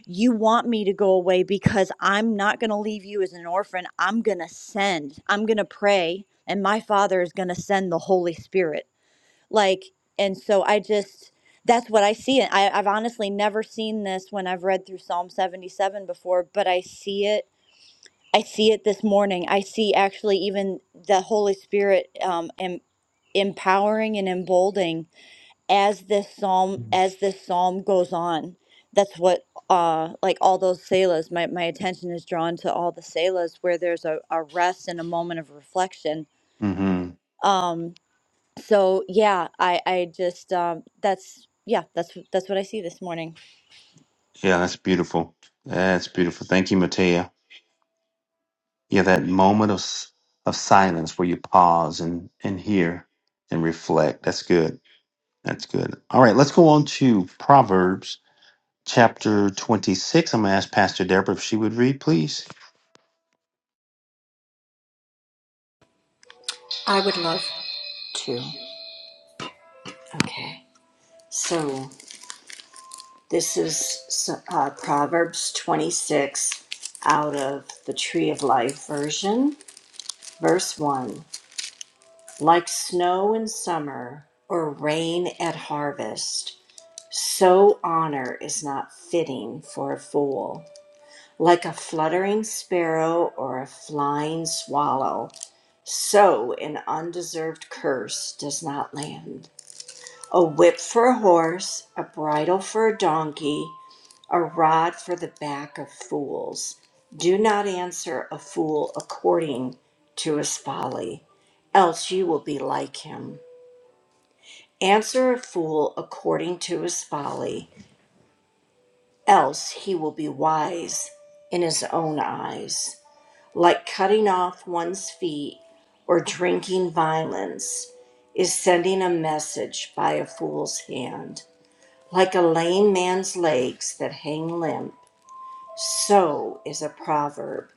S11: "You want me to go away because I'm not going to leave you as an orphan. I'm going to send. I'm going to pray, and my Father is going to send the Holy Spirit." Like, and so I just, that's what I see. And I, I've honestly never seen this when I've read through Psalm 77 before, but I see it. I see it this morning. I see actually even the Holy Spirit um, em- empowering and emboldening as this psalm as this psalm goes on. That's what uh like all those selahs my, my attention is drawn to all the selahs where there's a, a rest and a moment of reflection
S1: hmm
S11: Um so yeah, I I just um that's yeah, that's that's what I see this morning.
S1: Yeah, that's beautiful. That's beautiful. Thank you, Matea. Yeah, that moment of s- of silence where you pause and and hear and reflect. That's good. That's good. All right, let's go on to Proverbs chapter 26. I'm going to ask Pastor Deborah if she would read, please.
S12: I would love to. Okay. So this is uh, Proverbs 26 out of the Tree of Life version, verse 1. Like snow in summer or rain at harvest, so honor is not fitting for a fool. Like a fluttering sparrow or a flying swallow, so an undeserved curse does not land. A whip for a horse, a bridle for a donkey, a rod for the back of fools. Do not answer a fool according to his folly, else you will be like him. Answer a fool according to his folly, else he will be wise in his own eyes. Like cutting off one's feet or drinking violence is sending a message by a fool's hand. Like a lame man's legs that hang limp, so is a proverb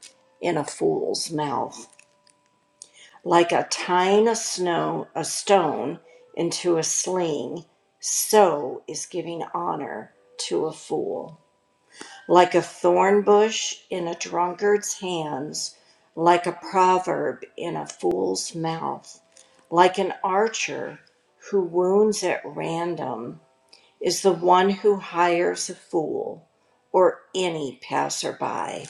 S12: in a fool's mouth. Like a tying a snow a stone into a sling, so is giving honor to a fool. Like a thorn bush in a drunkard's hands, like a proverb in a fool's mouth, like an archer who wounds at random is the one who hires a fool or any passerby.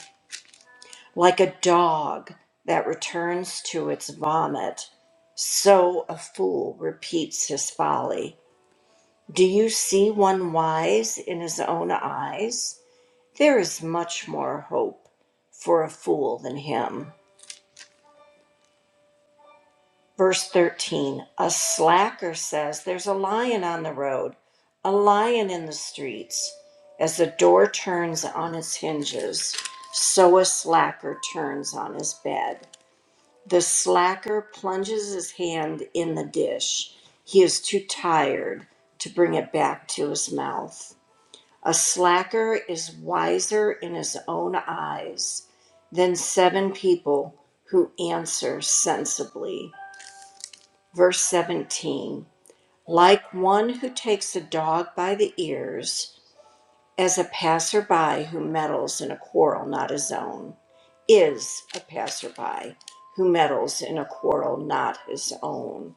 S12: Like a dog that returns to its vomit, so a fool repeats his folly. Do you see one wise in his own eyes? There is much more hope for a fool than him. Verse 13 A slacker says, There's a lion on the road, a lion in the streets. As the door turns on its hinges, so a slacker turns on his bed. The slacker plunges his hand in the dish. He is too tired to bring it back to his mouth. A slacker is wiser in his own eyes than seven people who answer sensibly. Verse 17 Like one who takes a dog by the ears, as a passerby who meddles in a quarrel not his own, is a passerby who meddles in a quarrel not his own.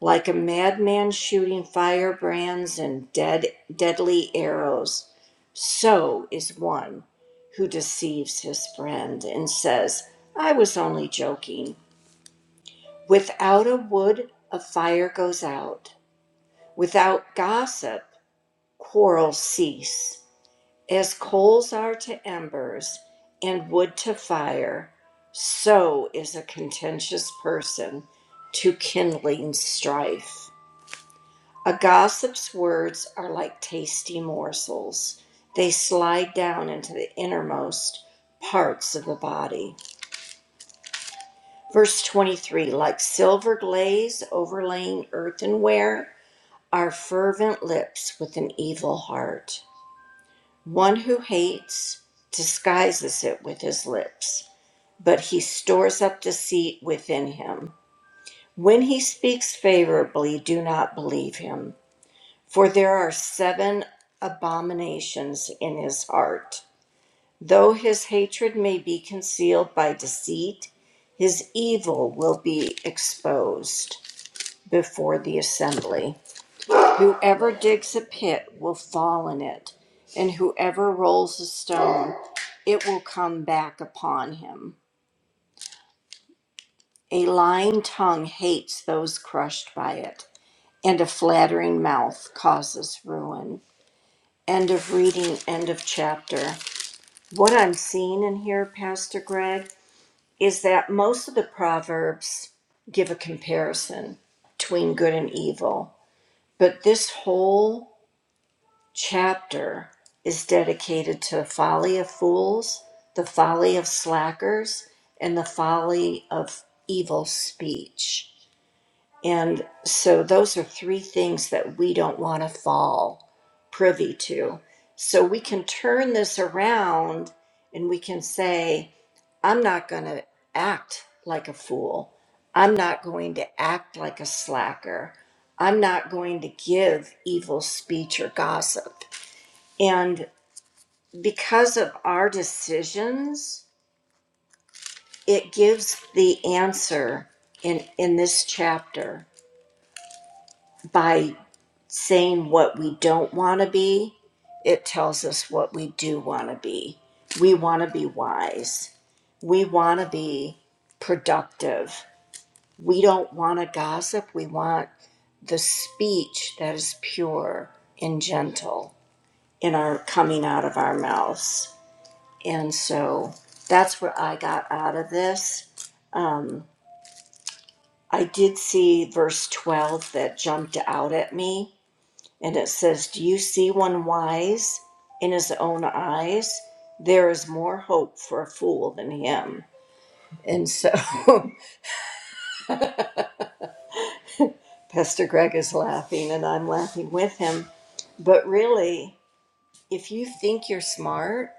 S12: Like a madman shooting firebrands and dead, deadly arrows, so is one who deceives his friend and says, I was only joking. Without a wood, a fire goes out Without gossip, quarrels cease. As coals are to embers and wood to fire, so is a contentious person to kindling strife. A gossip's words are like tasty morsels, they slide down into the innermost parts of the body. Verse 23 Like silver glaze overlaying earthenware, are fervent lips with an evil heart. One who hates disguises it with his lips, but he stores up deceit within him. When he speaks favorably, do not believe him, for there are seven abominations in his heart. Though his hatred may be concealed by deceit, his evil will be exposed before the assembly. Whoever digs a pit will fall in it, and whoever rolls a stone, it will come back upon him. A lying tongue hates those crushed by it, and a flattering mouth causes ruin. End of reading, end of chapter. What I'm seeing in here, Pastor Greg, is that most of the Proverbs give a comparison between good and evil, but this whole chapter is dedicated to the folly of fools, the folly of slackers, and the folly of evil speech. And so those are three things that we don't want to fall privy to. So we can turn this around and we can say, I'm not going to act like a fool. I'm not going to act like a slacker. I'm not going to give evil speech or gossip. And because of our decisions, it gives the answer in, in this chapter by saying what we don't want to be. It tells us what we do want to be. We want to be wise. We want to be productive. We don't want to gossip. We want the speech that is pure and gentle in our coming out of our mouths. And so that's what I got out of this. Um, I did see verse 12 that jumped out at me, and it says, Do you see one wise in his own eyes? There is more hope for a fool than him. And so Pastor Greg is laughing, and I'm laughing with him. But really, if you think you're smart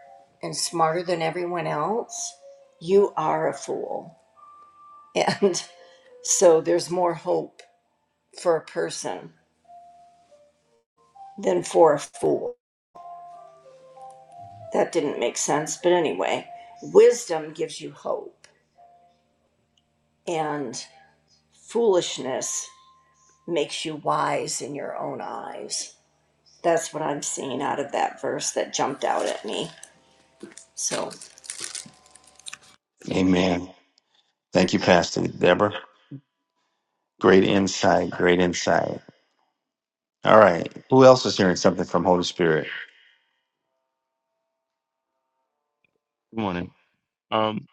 S12: and smarter than everyone else, you are a fool. And so there's more hope for a person than for a fool. That didn't make sense, but anyway, wisdom gives you hope, and foolishness makes you wise in your own eyes. That's what I'm seeing out of that verse that jumped out at me. So,
S1: Amen. Thank you, Pastor Deborah. Great insight. Great insight. All right. Who else is hearing something from Holy Spirit?
S9: Good morning. Um,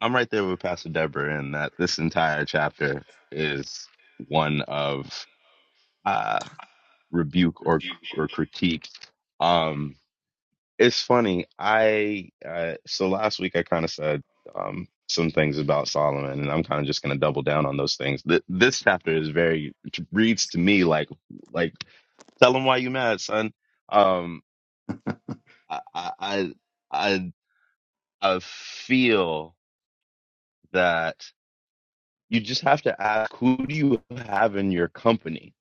S9: I'm right there with Pastor Deborah in that this entire chapter is one of uh, rebuke or, or critique. Um, it's funny. I uh, so last week I kind of said um, some things about Solomon, and I'm kind of just going to double down on those things. Th- this chapter is very reads to me like like Tell them why you mad, son. Um, I, I, I, I I feel that you just have to ask who do you have in your company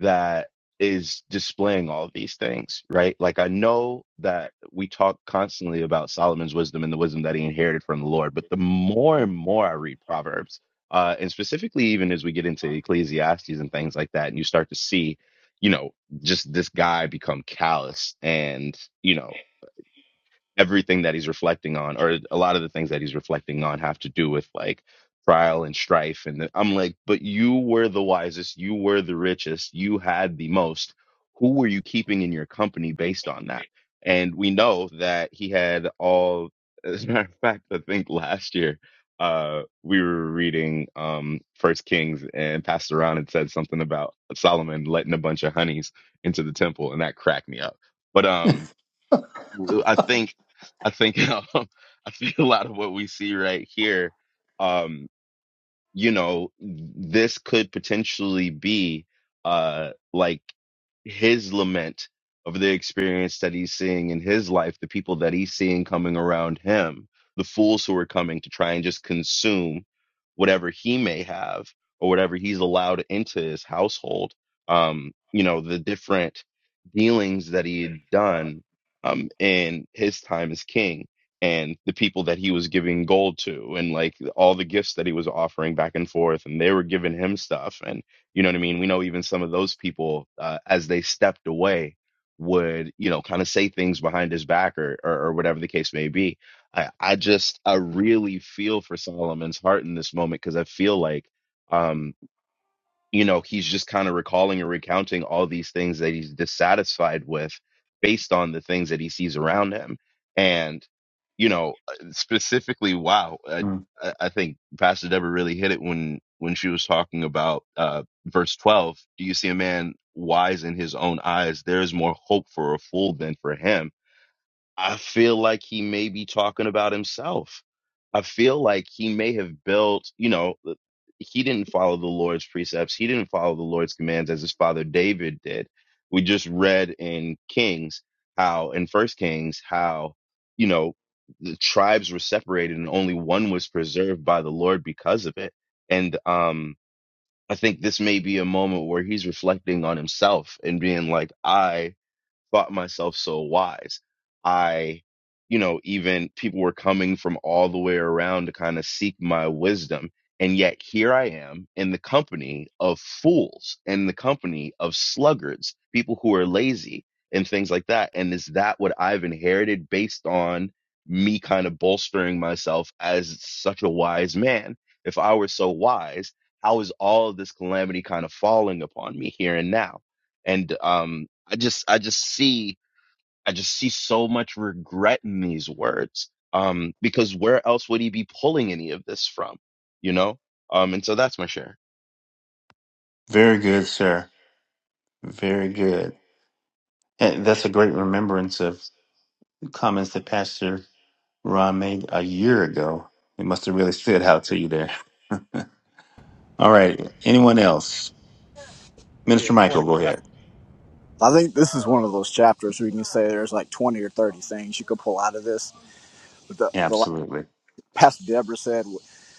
S9: that is displaying all these things, right? Like I know that we talk constantly about Solomon's wisdom and the wisdom that he inherited from the Lord, but the more and more I read Proverbs, uh, and specifically even as we get into Ecclesiastes and things like that, and you start to see, you know, just this guy become callous and you know everything that he's reflecting on, or a lot of the things that he's reflecting on, have to do with like trial and strife. And the, I'm like, but you were the wisest, you were the richest, you had the most. Who were you keeping in your company based on that? And we know that he had all. As a matter of fact, I think last year uh, we were reading um, First Kings, and passed around and said something about Solomon letting a bunch of honeys into the temple, and that cracked me up. But um, I think, I think, um, I think a lot of what we see right here. um, you know, this could potentially be uh like his lament of the experience that he's seeing in his life, the people that he's seeing coming around him, the fools who are coming to try and just consume whatever he may have or whatever he's allowed into his household. Um, you know, the different dealings that he had done um in his time as king and the people that he was giving gold to and like all the gifts that he was offering back and forth and they were giving him stuff and you know what i mean we know even some of those people uh, as they stepped away would you know kind of say things behind his back or, or or whatever the case may be i i just i really feel for solomon's heart in this moment because i feel like um, you know, he's just kind of recalling and recounting all these things that he's dissatisfied with based on the things that he sees around him. And, you know, uh, specifically, wow, I,
S1: Mm.
S9: I I think Pastor Deborah really hit it when, when she was talking about uh, verse 12. Do you see a man wise in his own eyes? There is more hope for a fool than for him I feel like he may be talking about himself. I feel like he may have built, you know, he didn't follow the Lord's precepts. He didn't follow the Lord's commands as his father David did. We just read in Kings how, in First Kings, how, you know, the tribes were separated and only one was preserved by the Lord because of it. And um, I think this may be a moment where he's reflecting on himself and being like, I thought myself so wise. I, you know, even people were coming from all the way around to kind of seek my wisdom. And yet here I am in the company of fools, in the company of sluggards, people who are lazy and things like that. And is that what I've inherited based on me kind of bolstering myself as such a wise man? If I were so wise, how is all of this calamity kind of falling upon me here and now? And um, I just I just see I just see so much regret in these words. Um, because where else would he be pulling any of this from? You know? Um, and so that's my share.
S1: Very good, sir. Very good. And that's a great remembrance of comments that Pastor Ron made a year ago. It must have really stood out to you there. All right. Anyone else?
S13: Yeah,
S1: Minister
S13: good
S1: Michael,
S13: morning,
S1: go ahead.
S13: Pastor.
S7: I think this is one of those chapters where you can say there's like 20 or 30 things you could pull out of this. But the, the last
S1: Absolutely.
S7: Pastor Deborah said,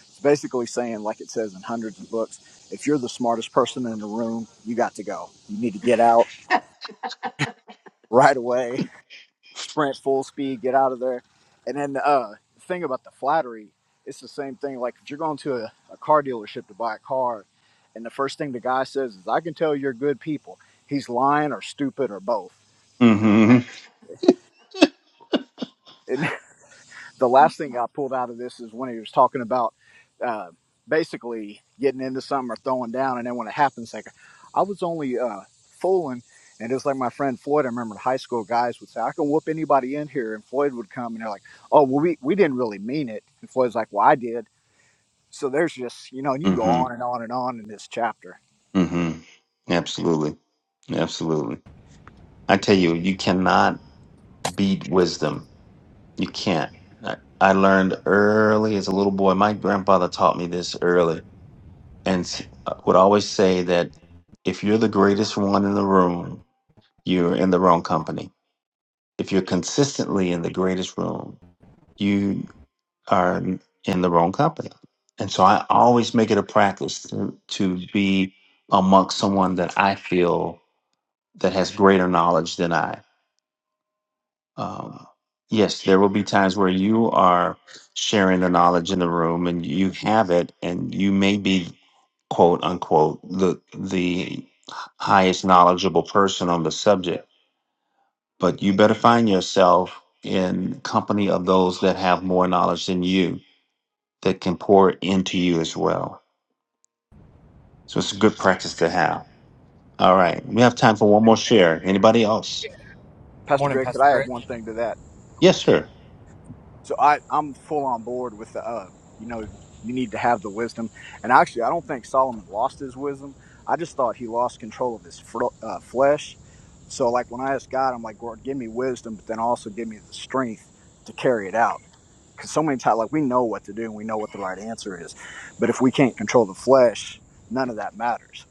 S7: it's basically saying, like it says in hundreds of books, if you're the smartest person in the room, you got to go. You need to get out right away sprint full speed, get out of there. And then uh, the thing about the flattery, it's the same thing. Like if you're going to a, a car dealership to buy a car, and the first thing the guy says is, "I can tell you're good people." He's lying or stupid or both.
S1: Mm-hmm.
S7: And the last thing I pulled out of this is when he was talking about uh, basically getting into something or throwing down, and then when it happens, like I was only uh, fooling. And it's like my friend Floyd, I remember in high school, guys would say, I can whoop anybody in here. And Floyd would come and they're like, oh, well, we, we didn't really mean it. And Floyd's like, well, I did. So there's just, you know, and you can go on and on and on in this chapter.
S1: hmm Absolutely. Absolutely. I tell you, you cannot beat wisdom. You can't. I, I learned early as a little boy. My grandfather taught me this early and s- uh, would always say that if you're the greatest one in the room, you're in the wrong company. If you're consistently in the greatest room, you are in the wrong company. And so I always make it a practice to, to be amongst someone that I feel that has greater knowledge than I. Um, yes, there will be times where you are sharing the knowledge in the room and you have it, and you may be quote unquote the the highest knowledgeable person on the subject, but you better find yourself in company of those that have more knowledge than you that can pour into you as well. So it's a good practice to have. All right, we have time for one more
S13: um, um,
S1: share. Anybody else?
S13: Yeah, good
S7: Pastor
S13: morning,
S7: Greg, could
S13: Pastor
S7: I have
S13: Greg.
S7: one thing to that?
S1: Yes, sir.
S7: So I, I'm full on board with the, uh, you know, you need to have the wisdom. And actually, I don't think Solomon lost his wisdom. I just thought he lost control of his fr- uh, flesh. So, like, when I asked God, I'm like, Lord, give me wisdom, but then also give me the strength to carry it out. Because so many times, like, we know what to do and we know what the right answer is. But if we can't control the flesh, none of that matters.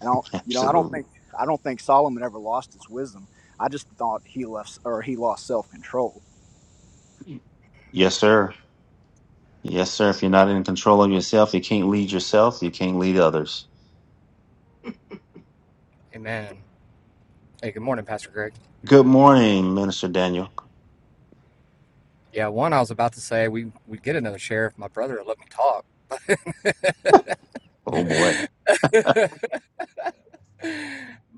S7: And I do you know, I don't
S1: Absolutely.
S7: think, I don't think Solomon ever lost his wisdom. I just thought he left, or he lost self control
S1: Yes, sir. Yes, sir. If you're not in control of yourself, you can't lead yourself. You can't lead others.
S13: Amen. Hey, good morning, Pastor Greg.
S1: Good morning, Minister Daniel.
S13: Yeah, one I was about to say we we get another sheriff. My brother let me talk,
S1: Oh boy.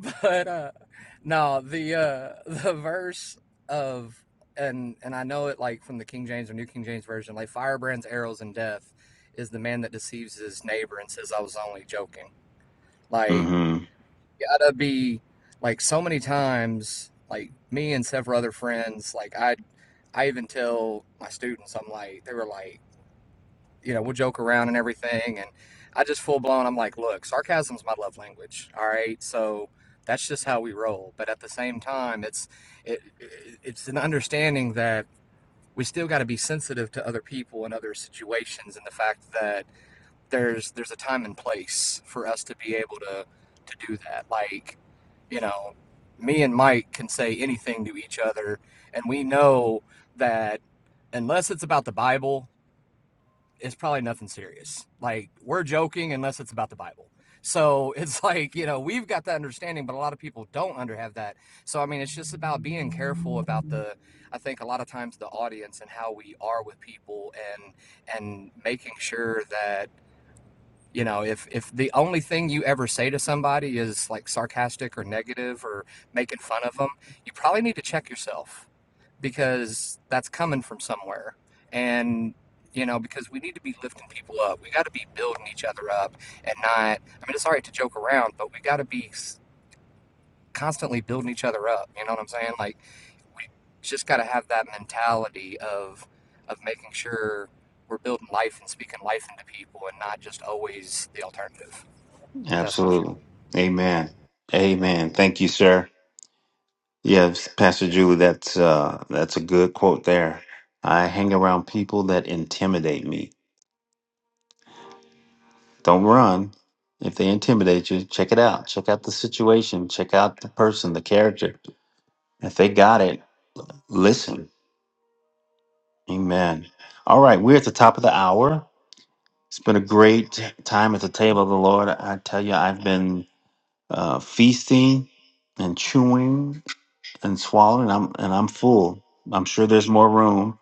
S13: but uh, no, the uh, the verse of and and I know it like from the King James or New King James version, like firebrands, arrows, and death is the man that deceives his neighbor and says I was only joking. Like
S1: Mm-hmm.
S13: gotta be like so many times, like me and several other friends, like I. I even tell my students, I'm like, they were like, you know, we'll joke around and everything. And I just full blown, I'm like, look, sarcasm's my love language. All right. So that's just how we roll. But at the same time, it's, it, it's an understanding that we still got to be sensitive to other people and other situations and the fact that there's there's a time and place for us to be able to to do that. Like, you know, me and Mike can say anything to each other, and we know that unless it's about the Bible, it's probably nothing serious. Like, we're joking unless it's about the Bible. So it's like, you know, we've got that understanding, but a lot of people don't under have that. So I mean, it's just about being careful about the I think a lot of times the audience and how we are with people and and making sure that you know if if the only thing you ever say to somebody is like sarcastic or negative or making fun of them you probably need to check yourself because that's coming from somewhere and you know because we need to be lifting people up we got to be building each other up and not i mean it's all right to joke around but we got to be s- constantly building each other up you know what i'm saying like we just got to have that mentality of of making sure we're building life and speaking life into people and not just always the alternative that's my share.
S1: Absolutely. Amen. Amen. Thank you, sir. Yes, Pastor Julie, that's uh that's a good quote there. I hang around people that intimidate me. Don't run. If they intimidate you, check it out. Check out the situation. Check out the person, the character. If they got it, listen. Amen. All right, we're at the top of the hour. It's been a great time at the table of the Lord. I tell you, I've been uh, feasting and chewing and swallowing, I'm, and I'm full. I'm sure there's more room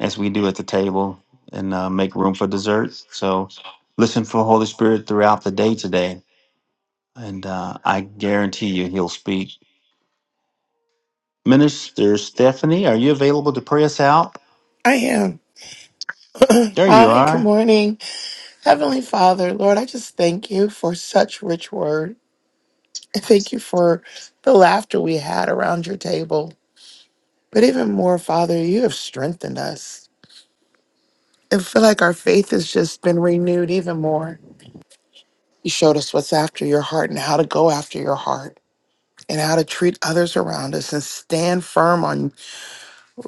S1: as we do at the table and uh, make room for dessert. So listen for Holy Spirit throughout the day today, and uh, I guarantee you He'll speak. Minister Stephanie, are you available to pray us out?
S14: I am.
S1: There you
S14: Hi, good
S1: are.
S14: morning. Heavenly Father, Lord, I just thank you for such rich word. I thank you for the laughter we had around your table. But even more, Father, you have strengthened us. I feel like our faith has just been renewed even more. You showed us what's after your heart and how to go after your heart and how to treat others around us and stand firm on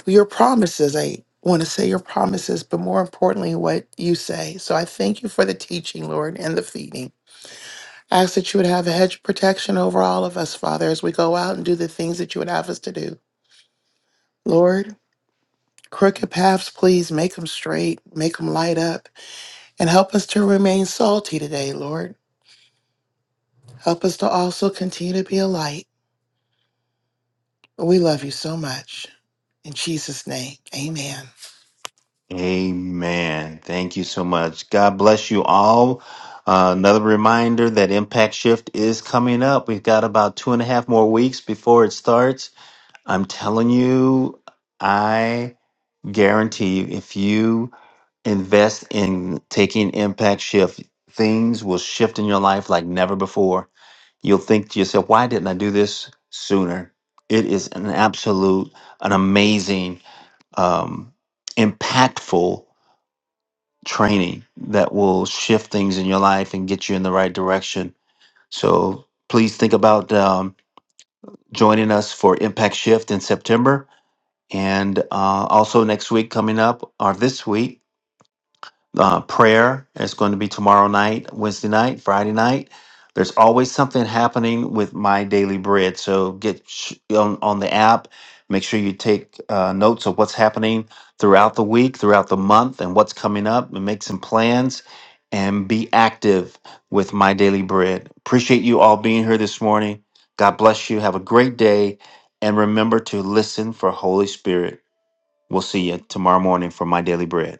S14: your promises. I want to say your promises, but more importantly, what you say. So I thank you for the teaching, Lord, and the feeding. I ask that you would have a hedge of protection over all of us, Father, as we go out and do the things that you would have us to do. Lord, crooked paths, please make them straight, make them light up, and help us to remain salty today, Lord. Help us to also continue to be a light. We love you so much. In Jesus' name, amen.
S1: Amen. Thank you so much. God bless you all. Uh, another reminder that Impact Shift is coming up. We've got about two and a half more weeks before it starts. I'm telling you, I guarantee you, if you invest in taking Impact Shift, things will shift in your life like never before. You'll think to yourself, why didn't I do this sooner? It is an absolute, an amazing, um, impactful training that will shift things in your life and get you in the right direction. So please think about um, joining us for Impact Shift in September. And uh, also next week coming up, or this week, uh, prayer is going to be tomorrow night, Wednesday night, Friday night. There's always something happening with my daily bread. So get sh- on, on the app. Make sure you take uh, notes of what's happening throughout the week, throughout the month, and what's coming up, and make some plans and be active with my daily bread. Appreciate you all being here this morning. God bless you. Have a great day. And remember to listen for Holy Spirit. We'll see you tomorrow morning for my daily bread.